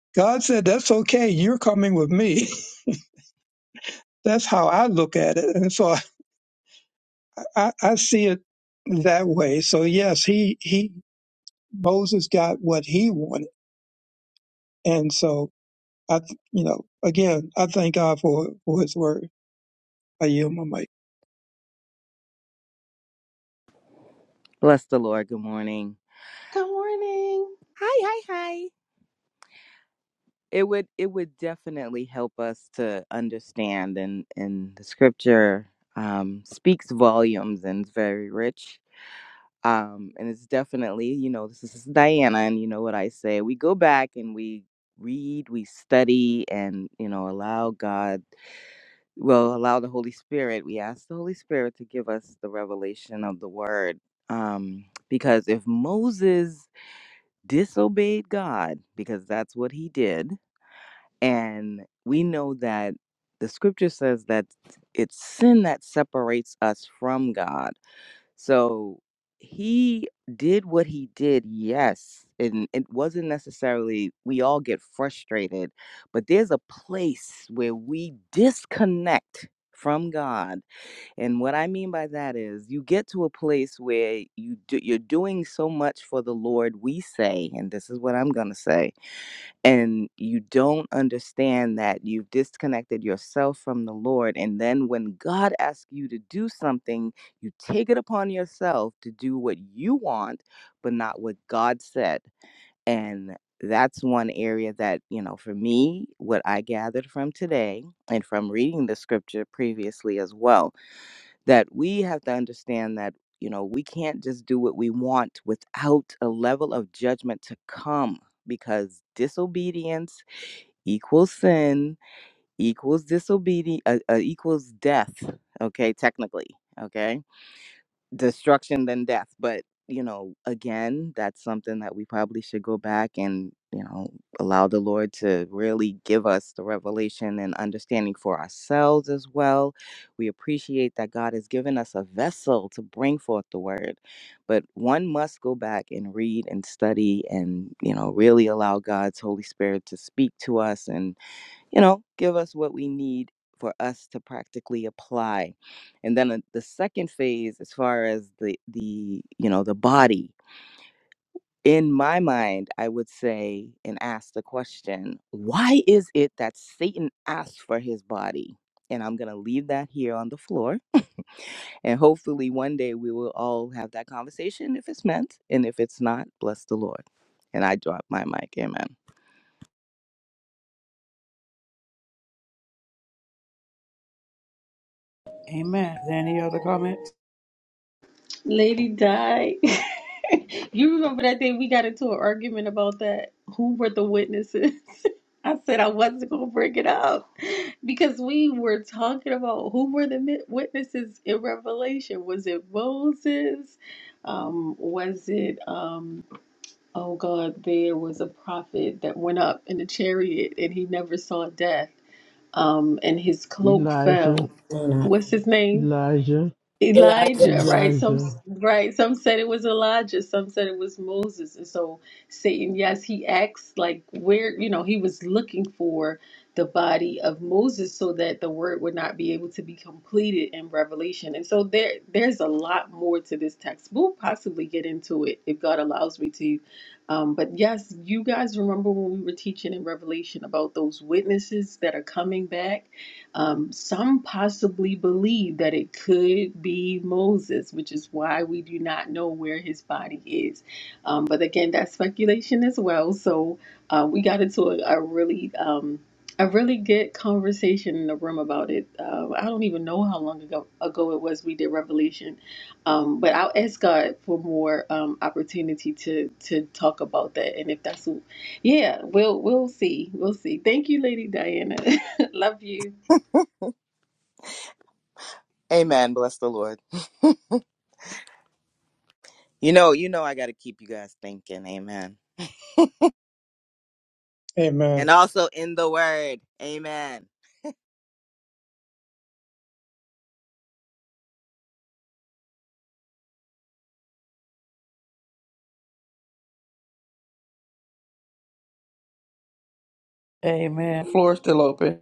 Speaker 4: God said, that's okay. You're coming with me. That's how I look at it. And so I, I see it that way. So yes, he, he, Moses got what he wanted. And so I, th- you know, again, I thank God for, for his word. I yield my mic.
Speaker 9: Bless the Lord. Good morning.
Speaker 1: Good morning.
Speaker 9: Hi, hi, hi. It would it would definitely help us to understand and and the scripture um speaks volumes and is very rich. Um and it's definitely, you know, this is Diana and you know what I say. We go back and we read, we study and, you know, allow God, well, allow the Holy Spirit. We ask the Holy Spirit to give us the revelation of the word. Um because if Moses disobeyed God because that's what he did. And we know that the scripture says that it's sin that separates us from God. So he did what he did, yes. And it wasn't necessarily, we all get frustrated, but there's a place where we disconnect from God and what I mean by that is you get to a place where you do, you're doing so much for the Lord, we say, and this is what I'm going to say, and you don't understand that you've disconnected yourself from the Lord. And then when God asks you to do something, you take it upon yourself to do what you want, but not what God said. And that's one area that, you know, for me, what I gathered from today and from reading the scripture previously as well that we have to understand that you know we can't just do what we want without a level of judgment to come because disobedience equals sin equals disobedience uh, uh, equals death okay technically okay destruction than death. But you know, again, that's something that we probably should go back and you know allow the Lord to really give us the revelation and understanding for ourselves as well. We appreciate that God has given us a vessel to bring forth the word, but one must go back and read and study and you know really allow God's Holy Spirit to speak to us and you know, give us what we need for us to practically apply. And then uh, the second phase, as far as the the you know the body, in my mind, I would say and ask the question, why is it that Satan asked for his body? And I'm gonna leave that here on the floor. And hopefully one day we will all have that conversation if it's meant. And if it's not, bless the Lord. And I drop my mic. Amen.
Speaker 6: Amen. Is there any other comments?
Speaker 1: Lady died. you remember that day we got into an argument about that? Who were the witnesses? I said I wasn't going to bring it up because we were talking about who were the mi- witnesses in Revelation. Was it Moses? Um, was it, um, oh God, there was a prophet that went up in a chariot and he never saw death. Um, and his cloak
Speaker 7: Elijah,
Speaker 1: fell.
Speaker 10: And I
Speaker 1: What's his name?
Speaker 7: Elijah,
Speaker 10: realize
Speaker 1: Elijah, right? Some
Speaker 7: Elijah.
Speaker 1: right, some said it was Elijah, some said it was Moses. And so Satan, yes, he acts like where, you know, he was looking for the body of Moses so that the word would not be able to be completed in Revelation. And so there there's a lot more to this text. We'll possibly get into it if God allows me to. Um, but yes, you guys remember when we were teaching in Revelation about those witnesses that are coming back um, some possibly believe that it could be Moses, which is why we do not know where his body is. Um, but again, that's speculation as well. So uh, we got into a, a really um, a really good conversation in the room about it. Uh, I don't even know how long ago ago it was we did Revelation, um, but I'll ask God for more um, opportunity to to talk about that. And if that's, yeah, we'll we'll see, we'll see. Thank you, Lady Diana. Love you.
Speaker 9: Amen. Bless the Lord. You know, you know I gotta keep you guys thinking. Amen.
Speaker 4: Amen.
Speaker 9: and also in the word. Amen.
Speaker 6: Amen. Floor is still open.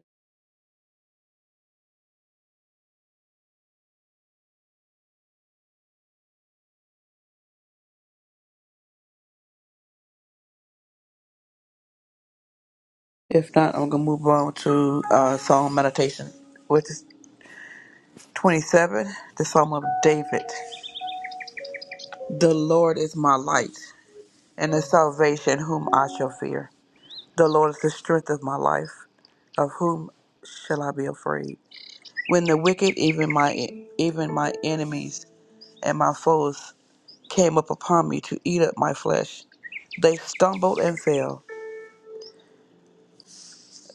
Speaker 6: If not, I'm gonna move on to uh, Psalm meditation, which is 27, the Psalm of David. The Lord is my light and the salvation, whom I shall fear. The Lord is the strength of my life, of whom shall I be afraid? When the wicked, even my even my enemies and my foes came up upon me to eat up my flesh. They stumbled and fell.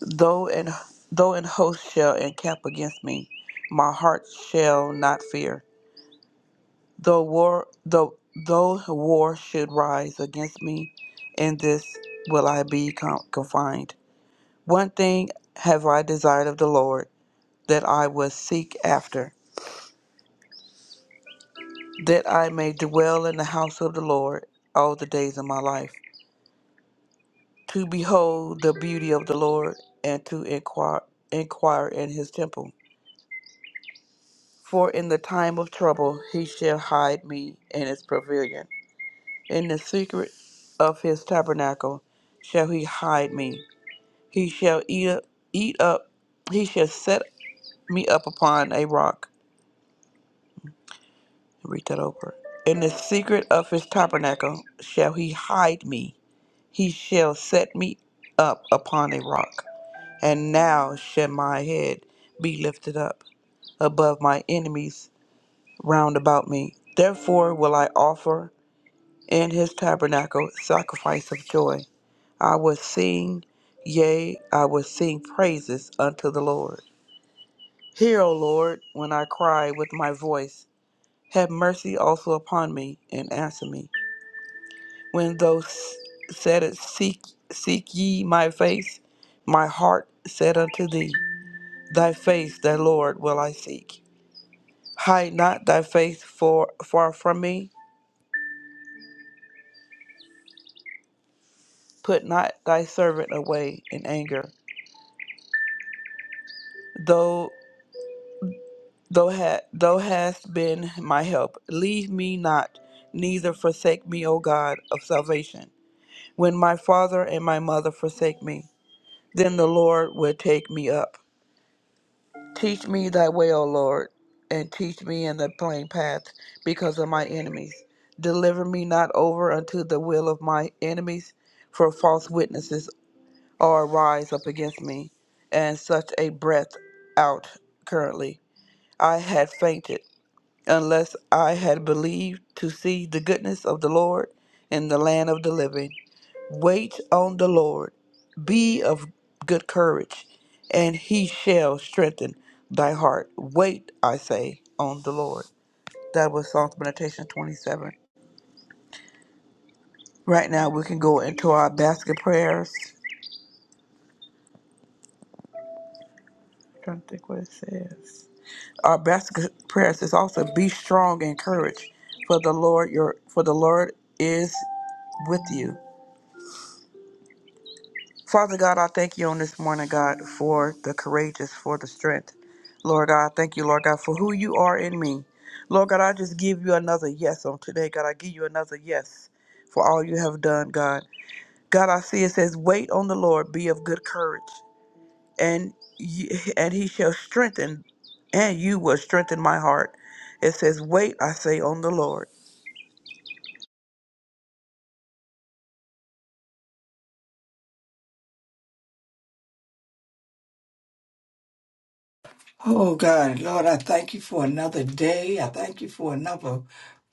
Speaker 6: Though an though an host shall encamp against me, my heart shall not fear. Though war though though war should rise against me, in this will I be con- confined. One thing have I desired of the Lord, that I will seek after, that I may dwell in the house of the Lord all the days of my life to behold the beauty of the Lord and to inquire, inquire in his temple. For in the time of trouble he shall hide me in his pavilion. In the secret of his tabernacle shall he hide me. He shall eat up, eat up he shall set me up upon a rock. Read that over. In the secret of his tabernacle shall he hide me. He shall set me up upon a rock. And now shall my head be lifted up above my enemies round about me. Therefore will I offer in his tabernacle sacrifice of joy. I will sing, yea, I will sing praises unto the Lord. Hear, O Lord, when I cry with my voice. Have mercy also upon me and answer me. When those said it, seek, seek ye my face, my heart said unto thee, Thy face, thy Lord, will I seek. Hide not thy face for, far from me. Put not thy servant away in anger. Though thou, ha- thou hast been my help, leave me not, neither forsake me, O God of salvation. When my father and my mother forsake me, then the Lord will take me up. Teach me thy way, O Lord, and teach me in the plain path because of my enemies. Deliver me not over unto the will of my enemies, for false witnesses or rise up against me, and such a breath out currently. I had fainted, unless I had believed to see the goodness of the Lord in the land of the living. Wait on the Lord, be of good courage, and he shall strengthen thy heart. Wait, I say, on the Lord. That was Psalms Meditation 27. Right now, we can go into our basket prayers. trying to think what it says. Our basket prayers is also be strong and courage, for the Lord your for the Lord is with you. Father God, I thank you on this morning, God, for the courageous, for the strength. Lord God, I thank you, Lord God, for who you are in me. Lord God, I just give you another yes on today, God. I give you another yes for all you have done, God. God, I see it says, wait on the Lord, be of good courage. and you, and he shall strengthen and you will strengthen my heart it says wait i say on the lord
Speaker 2: Oh God, Lord, I thank you for another day. I thank you for another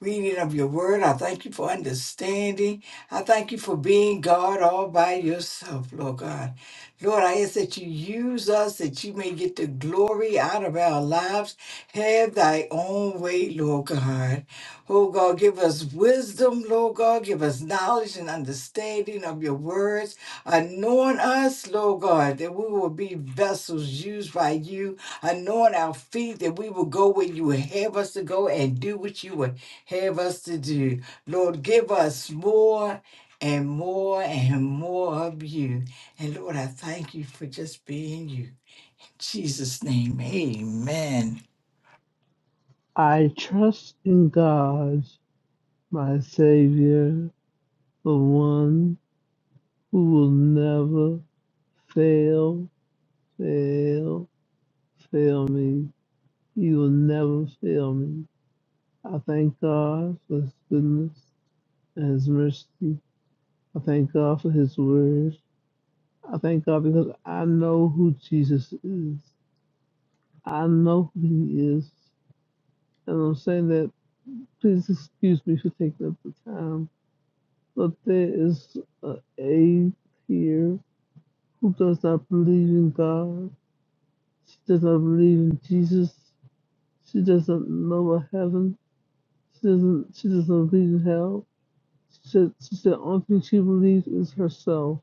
Speaker 2: reading of your word. I thank you for understanding. I thank you for being God all by yourself, Lord God. Lord, I ask that you use us that you may get the glory out of our lives. Have thy own way, Lord God. Oh God, give us wisdom, Lord God. Give us knowledge and understanding of your words. Anoint us, Lord God, that we will be vessels used by you. Anoint our feet, that we will go where you would have us to go and do what you would have us to do. Lord, give us more and more and more of you. And Lord, I thank you for just being you. In Jesus' name, amen.
Speaker 7: I trust in God, my Savior, the one who will never fail, fail, fail me. He will never fail me. I thank God for His goodness and His mercy. I thank God for His word. I thank God because I know who Jesus is. I know who He is. And I'm saying that Please excuse me for taking up the time, but there is an aide here who does not believe in God. She does not believe in Jesus. She doesn't know of heaven. She doesn't. She doesn't believe in hell. She said. She said. Only thing she believes is herself.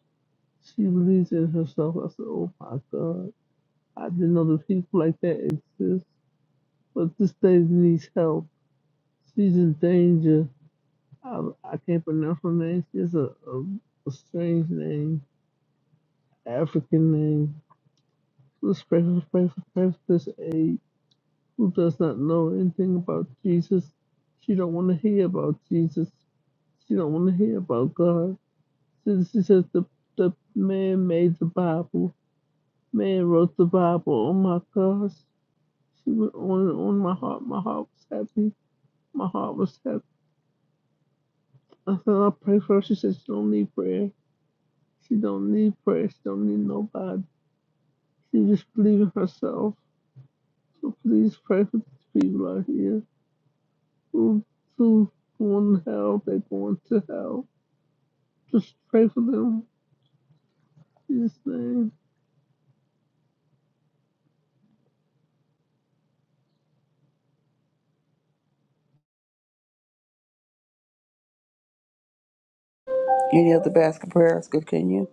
Speaker 7: She believes in herself. I said, "Oh my God! I didn't know that people like that exist." But this lady needs help. She's in danger. I I can't pronounce her name. She has a, a, a strange name, African name. Who's precious, precious, precious aid? Who does not know anything about Jesus? She don't want to hear about Jesus. She don't want to hear about God. She, she says the the man made the Bible. Man wrote the Bible. Oh my gosh! She went on and on. My heart, my heart was happy. My heart was happy. I said I pray for her. She said she don't need prayer. She don't need prayer. She don't need nobody. She just disbelieved herself. So please pray for these people out here who who going to hell, they're to hell. Just pray for them. In Jesus' name.
Speaker 6: any other basket prayers good can you?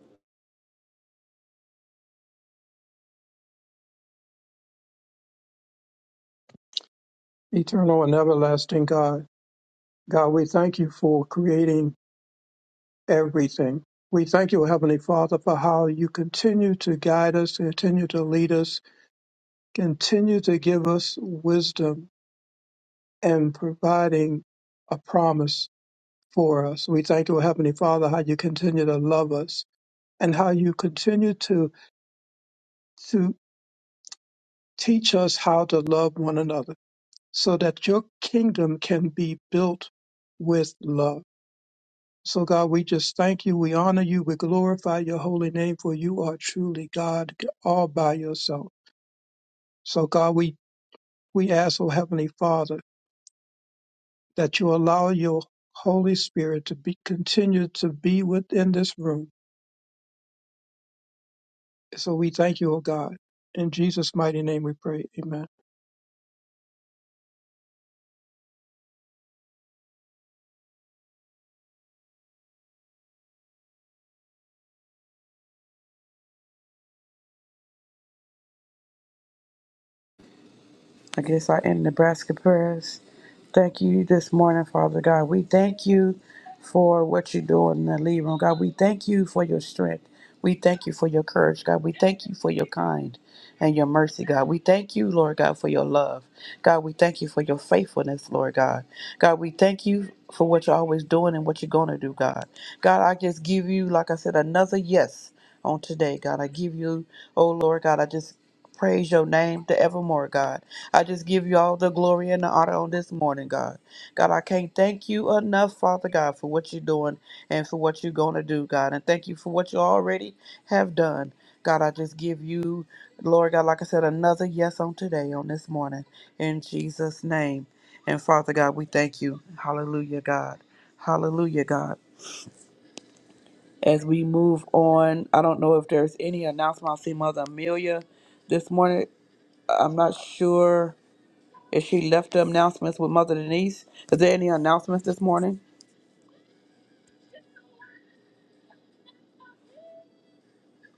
Speaker 4: Eternal and everlasting God. God, we thank you for creating everything. We thank you, Heavenly Father, for how you continue to guide us, continue to lead us, continue to give us wisdom and providing a promise for us. We thank you, Heavenly Father, how you continue to love us and how you continue to, to teach us how to love one another so that your kingdom can be built with love. So, God, we just thank you. We honor you. We glorify your holy name, for you are truly God all by yourself. So, God, we, we ask, O Heavenly Father, that you allow your Holy Spirit to be continue to be within this room. So we thank you, O God. In Jesus' mighty name we pray. Amen.
Speaker 6: I guess I end Nebraska prayers. Thank you this morning, Father God. We thank you for what you do in the lead room. God, we thank you for your strength. We thank you for your courage, God. We thank you for your kind and your mercy, God. We thank you, Lord God, for your love. God, we thank you for your faithfulness, Lord God. God, we thank you for what you're always doing and what you're going to do, God. God, I just give you, like I said, another yes on today, God. I give you, oh Lord God, I just praise your name to evermore, God. I just give you all the glory and the honor on this morning, God. God, I can't thank you enough, Father God, for what you're doing and for what you're going to do, God. And thank you for what you already have done. God, I just give you, Lord God, like I said, another yes on today, on this morning, in Jesus' name. And Father God, we thank you. Hallelujah, God. Hallelujah, God. As we move on, I don't know if there's any announcement. I see Mother Amelia this morning. I'm not sure if she left the announcements with Mother Denise. Is there any announcements this morning?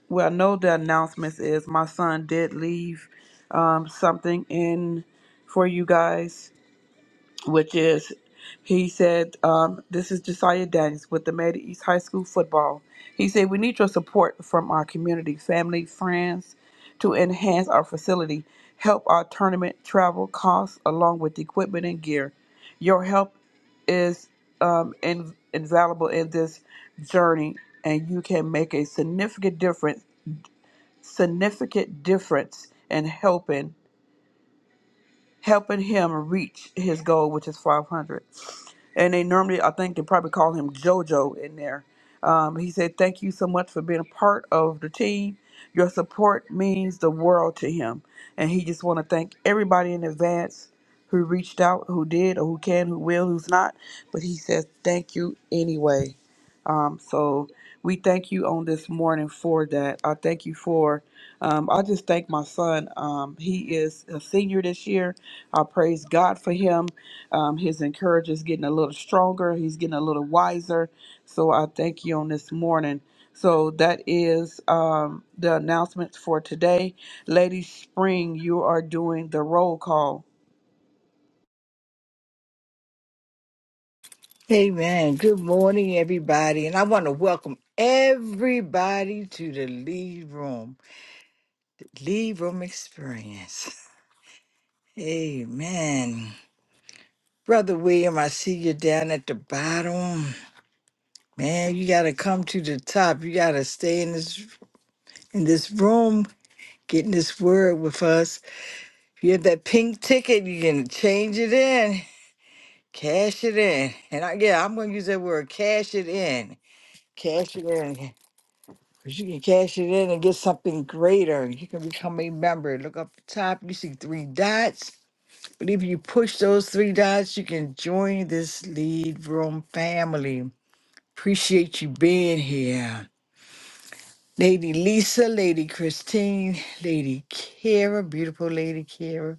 Speaker 6: Well, I know the announcements is my son did leave um, something in for you guys. which is, he said, um, this is Josiah Daniels with the Meta East High School football. He said, we need your support from our community, family, friends to enhance our facility, help our tournament travel costs along with equipment and gear. Your help is um, in, invaluable in this journey and you can make a significant difference, significant difference in helping helping him reach his goal, which is 500. And they normally, I think, they probably call him JoJo in there. Um, he said, Thank you so much for being a part of the team. Your support means the world to him. And he just want to thank everybody in advance who reached out, who did, or who can, who will, who's not. But he says, Thank you anyway. Um, so we thank you on this morning for that. I thank you for, um, I just thank my son. Um, he is a senior this year I praise God for him. Um, his encourager's getting a little stronger. He's getting a little wiser. So I thank you on this morning. So that is um, the announcements for today. Lady Spring, you are doing the roll call.
Speaker 2: Amen. Good morning, everybody. And I want to welcome everybody to the Lead Room, Lead Room Experience. Amen. Brother William, I see you down at the bottom. Man, you gotta come to the top. You gotta stay in this in this room, getting this word with us. If you have that pink ticket, you can change it in, cash it in. And I, yeah, I'm gonna use that word, cash it in. Cash it in. Because you can cash it in and get something greater. You can become a member. Look up the top, you see three dots. But if you push those three dots, you can join this lead room family. Appreciate you being here. Lady Lisa, Lady Christine, Lady Kara, beautiful Lady Kara.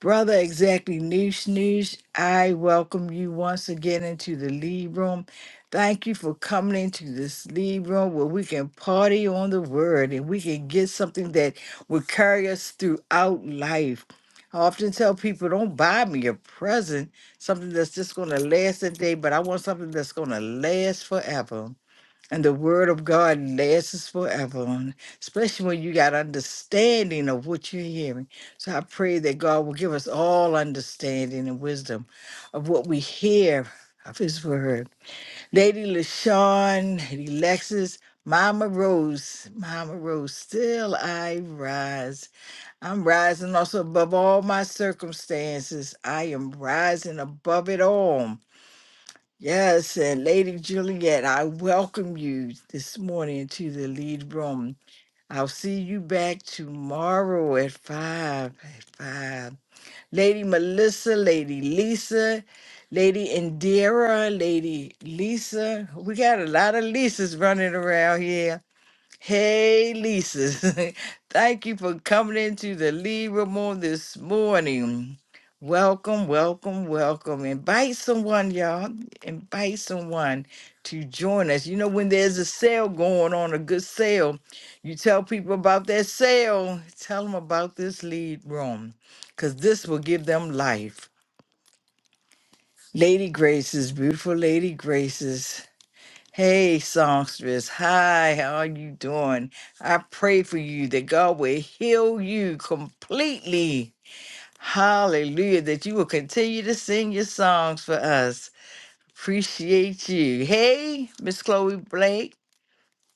Speaker 2: Brother Exactly Noosh Noosh, I welcome you once again into the lead room. Thank you for coming into this lead room where we can party on the word and we can get something that will carry us throughout life. I often tell people, don't buy me a present, something that's just going to last a day, but I want something that's going to last forever. And the word of God lasts forever, and especially when you got understanding of what you're hearing. So I pray that God will give us all understanding and wisdom of what we hear of his word. Lady LaShawn, Lady Lexis, Mama Rose, Mama Rose, still I rise. I'm rising also above all my circumstances. I am rising above it all. Yes, and Lady Juliet, I welcome you this morning to the lead room. I'll see you back tomorrow at five. At five, Lady Melissa, Lady Lisa, Lady Indira, Lady Lisa. We got a lot of Lisas running around here. Hey, Lisa. Thank you for coming into the lead room on this morning. Welcome, welcome, welcome. Invite someone, y'all. Invite someone to join us. You know, when there's a sale going on, a good sale, you tell people about that sale. Tell them about this lead room because this will give them life. Lady Graces, beautiful Lady Graces. Hey, songstress. Hi, how are you doing? I pray for you that God will heal you completely. Hallelujah. That you will continue to sing your songs for us. Appreciate you. Hey, Miss Chloe Blake.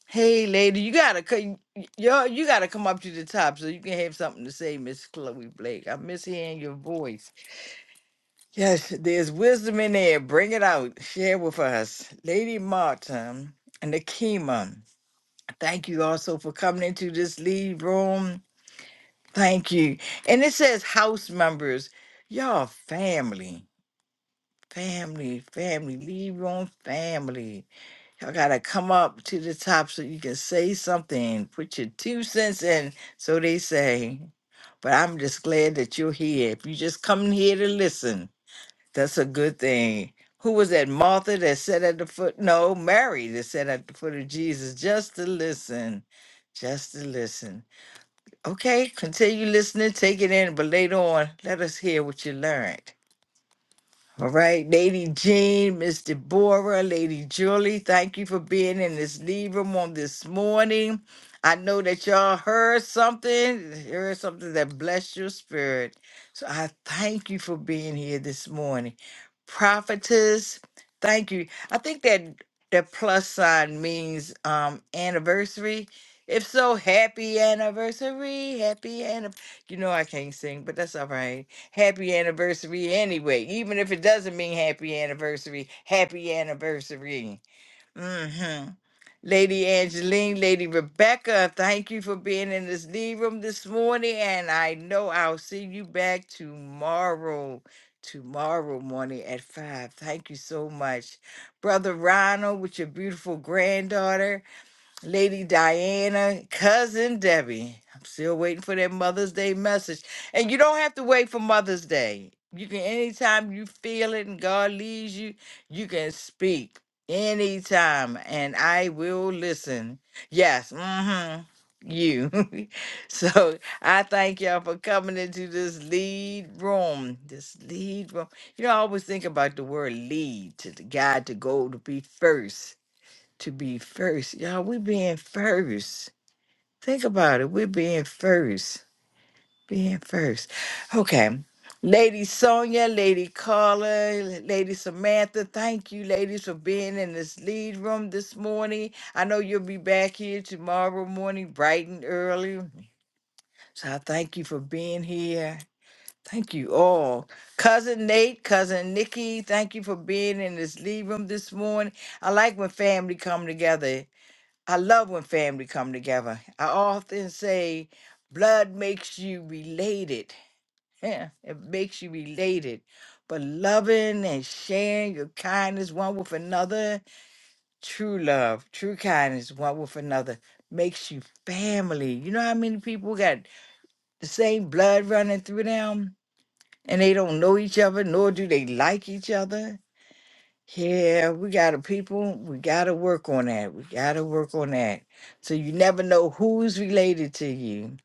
Speaker 2: Hey, lady, you gotta come. Yo, you gotta come up to the top so you can have something to say, Miss Chloe Blake. I miss hearing your voice. Yes, there's wisdom in there. Bring it out. Share with us, Lady Martin and Akima. Thank you also for coming into this lead room. Thank you. And it says house members. Y'all family. Family, family, lead room family. Y'all gotta come up to the top so you can say something. Put your two cents in, so they say. But I'm just glad that you're here. If you just come here to listen, that's a good thing. Who was that Martha that sat at the foot? No, Mary that sat at the foot of Jesus just to listen. Just to listen. Okay, continue listening, take it in, but later on, let us hear what you learned. All right, Lady Jean, Miss Deborah, Lady Julie, thank you for being in this lead room on this morning. I know that y'all heard something, heard something that blessed your spirit. So I thank you for being here this morning. Prophetess, thank you. I think that that plus sign means um anniversary. If so, happy anniversary, happy anniversary. You know I can't sing, but that's all right happy anniversary anyway. Even if it doesn't mean happy anniversary, happy anniversary. hmm Lady Angeline, Lady Rebecca, thank you for being in this lead room this morning. And I know I'll see you back tomorrow, tomorrow morning at five. Thank you so much. Brother Ronald with your beautiful granddaughter. Lady Diana, cousin Debbie. I'm still waiting for that Mother's Day message. And you don't have to wait for Mother's Day. You can anytime you feel it and God leads you, you can speak anytime and I will listen. Yes, mhm. You. so I thank y'all for coming into this lead room. This lead room. You know, I always think about the word lead to the God to go to be first to be first. Y'all, we being first. Think about it. We're being first. Being first. Okay. Lady Sonia, Lady Carla, Lady Samantha, thank you, ladies, for being in this lead room this morning. I know you'll be back here tomorrow morning, bright and early. So I thank you for being here. Thank you all. Cousin Nate, Cousin Nikki, thank you for being in this lead room this morning. I like when family come together. I love when family come together. I often say blood makes you related. Yeah, it makes you related. But loving and sharing your kindness one with another, true love, true kindness one with another makes you family. You know how many people got the same blood running through them and they don't know each other, nor do they like each other? Yeah, we got to people. We got to work on that. We got to work on that. So you never know who's related to you.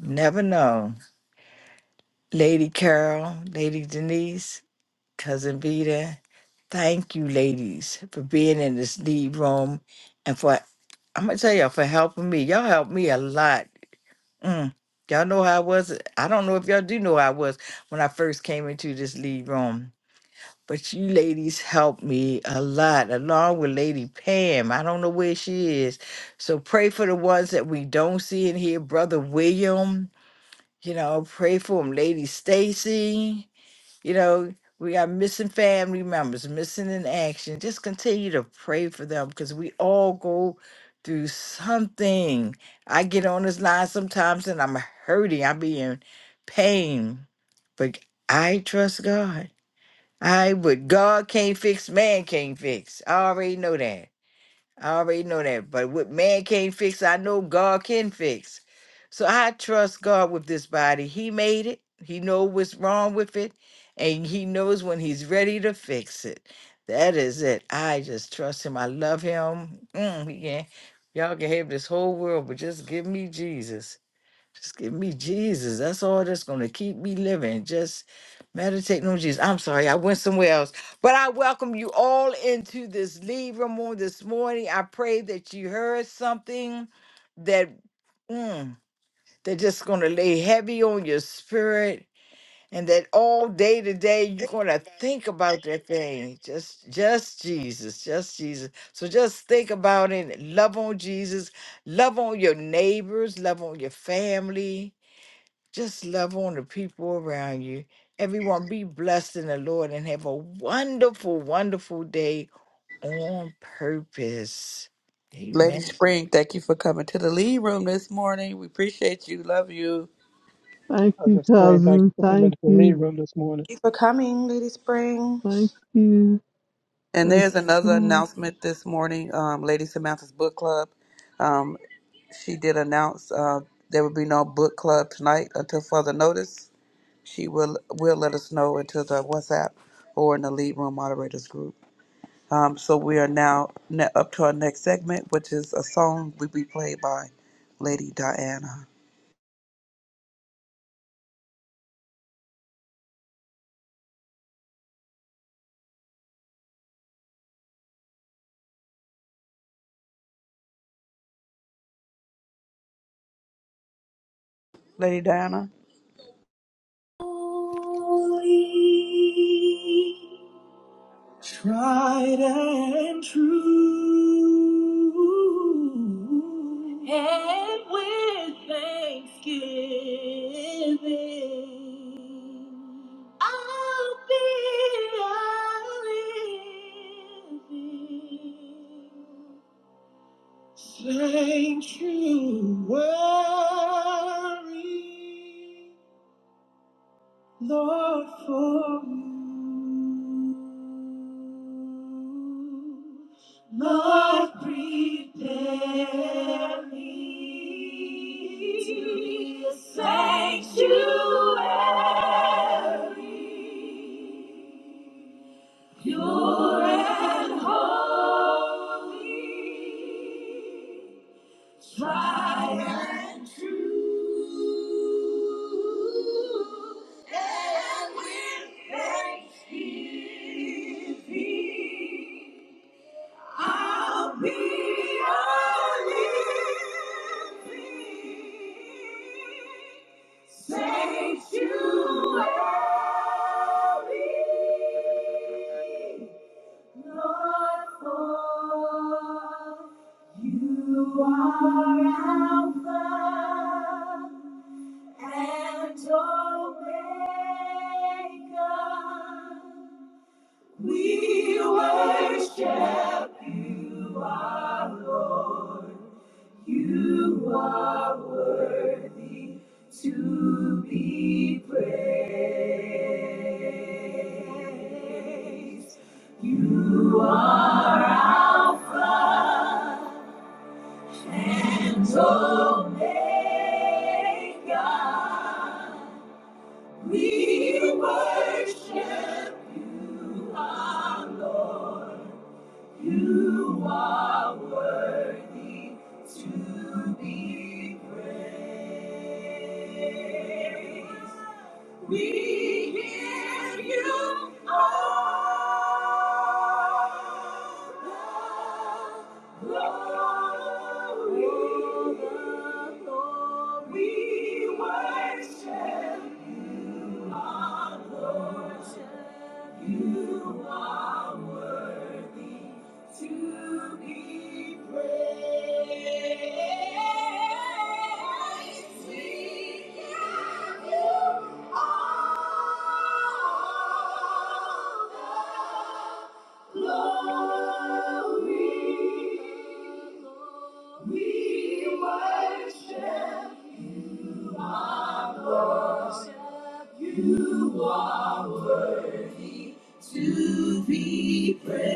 Speaker 2: Never know. Lady Carol, Lady Denise, Cousin Vita, thank you, ladies, for being in this lead room and for, I'm going to tell y'all, for helping me. Y'all helped me a lot. Mm. Y'all know how I was. I don't know if y'all do know how I was when I first came into this lead room. But you ladies helped me a lot, along with Lady Pam. I don't know where she is. So pray for the ones that we don't see in here. Brother William, you know, pray for him. Lady Stacy, you know, we got missing family members, missing in action. Just continue to pray for them because we all go through something. I get on this line sometimes and I'm hurting. I be in pain. But I trust God. I would God can't fix, man can't fix. I already know that. I already know that. But what man can't fix, I know God can fix. So I trust God with this body. He made it. He knows what's wrong with it. And he knows when he's ready to fix it. That is it. I just trust him. I love him. Mm, he can, y'all can have this whole world, but just give me Jesus. Just give me Jesus. That's all that's going to keep me living. Just meditating on Jesus. I'm sorry, I went somewhere else. But I welcome you all into this lead room on this morning. I pray that you heard something that mm, that just going to lay heavy on your spirit and that all day today you're going to think about that thing. Just just Jesus, just Jesus. So just think about it. Love on Jesus. Love on your neighbors. Love on your family just love on the people around you. Everyone be blessed in the Lord and have a wonderful, wonderful day on purpose.
Speaker 6: Lady
Speaker 2: Amen.
Speaker 6: Spring, thank you for coming to the lead room this morning. We appreciate you. Love you.
Speaker 7: Thank
Speaker 4: I
Speaker 7: you,
Speaker 4: just pray and thank you
Speaker 7: cousin.
Speaker 4: for coming
Speaker 7: Thank
Speaker 4: to the lead
Speaker 7: you.
Speaker 4: room this morning.
Speaker 11: Thank you for coming, Lady Spring.
Speaker 7: Thank you.
Speaker 6: And
Speaker 7: Thank
Speaker 6: there's
Speaker 7: you so
Speaker 6: another
Speaker 7: much.
Speaker 6: announcement this morning. Um, Lady Samantha's book club. Um, she did announce uh, there will be no book club tonight until further notice. she will will let us know into the WhatsApp or in the lead room moderators group. Um, so we are now ne- up to our next segment, which is a song will be played by Lady Diana. Lady Diana,
Speaker 9: Holy, tried and true. And with thanksgiving, I'll be a living sanctuary. Lord, for you, Lord, prepare me to be a sanctuary, pure and holy tried and true, and with thanksgiving, I'll be a living sanctuary, Lord, for you are Alpha and Omega. We worship you are worthy to be praised. And Omega, we worship You are worthy to be praised. We give you all the glory. We worship, our Lord. You are worthy. To be praised, we give you all the glory. We worship one. To be praised.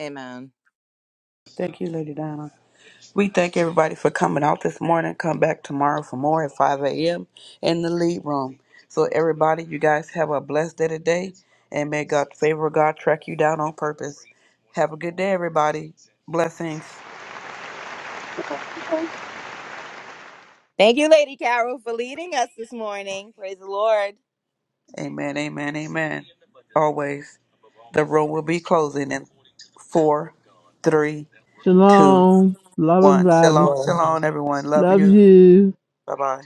Speaker 9: Amen.
Speaker 6: thank you, Lady Diana. We thank everybody for coming out this morning. Come back tomorrow for more at 5 a.m. in the lead room. So everybody, you guys have a blessed day today, and may God favor God track you down on purpose. Have a good day, everybody. Blessings.
Speaker 9: Thank you, Lady Carol, for leading us this morning. Praise the Lord.
Speaker 6: Amen, amen, amen. Always. The room will be closing in four, three, two,
Speaker 7: Shalom. Love
Speaker 6: one.
Speaker 7: everybody.
Speaker 6: Shalom,
Speaker 4: Lord,
Speaker 6: shalom, everyone. Love
Speaker 7: Love
Speaker 6: you.
Speaker 7: you.
Speaker 6: Bye bye.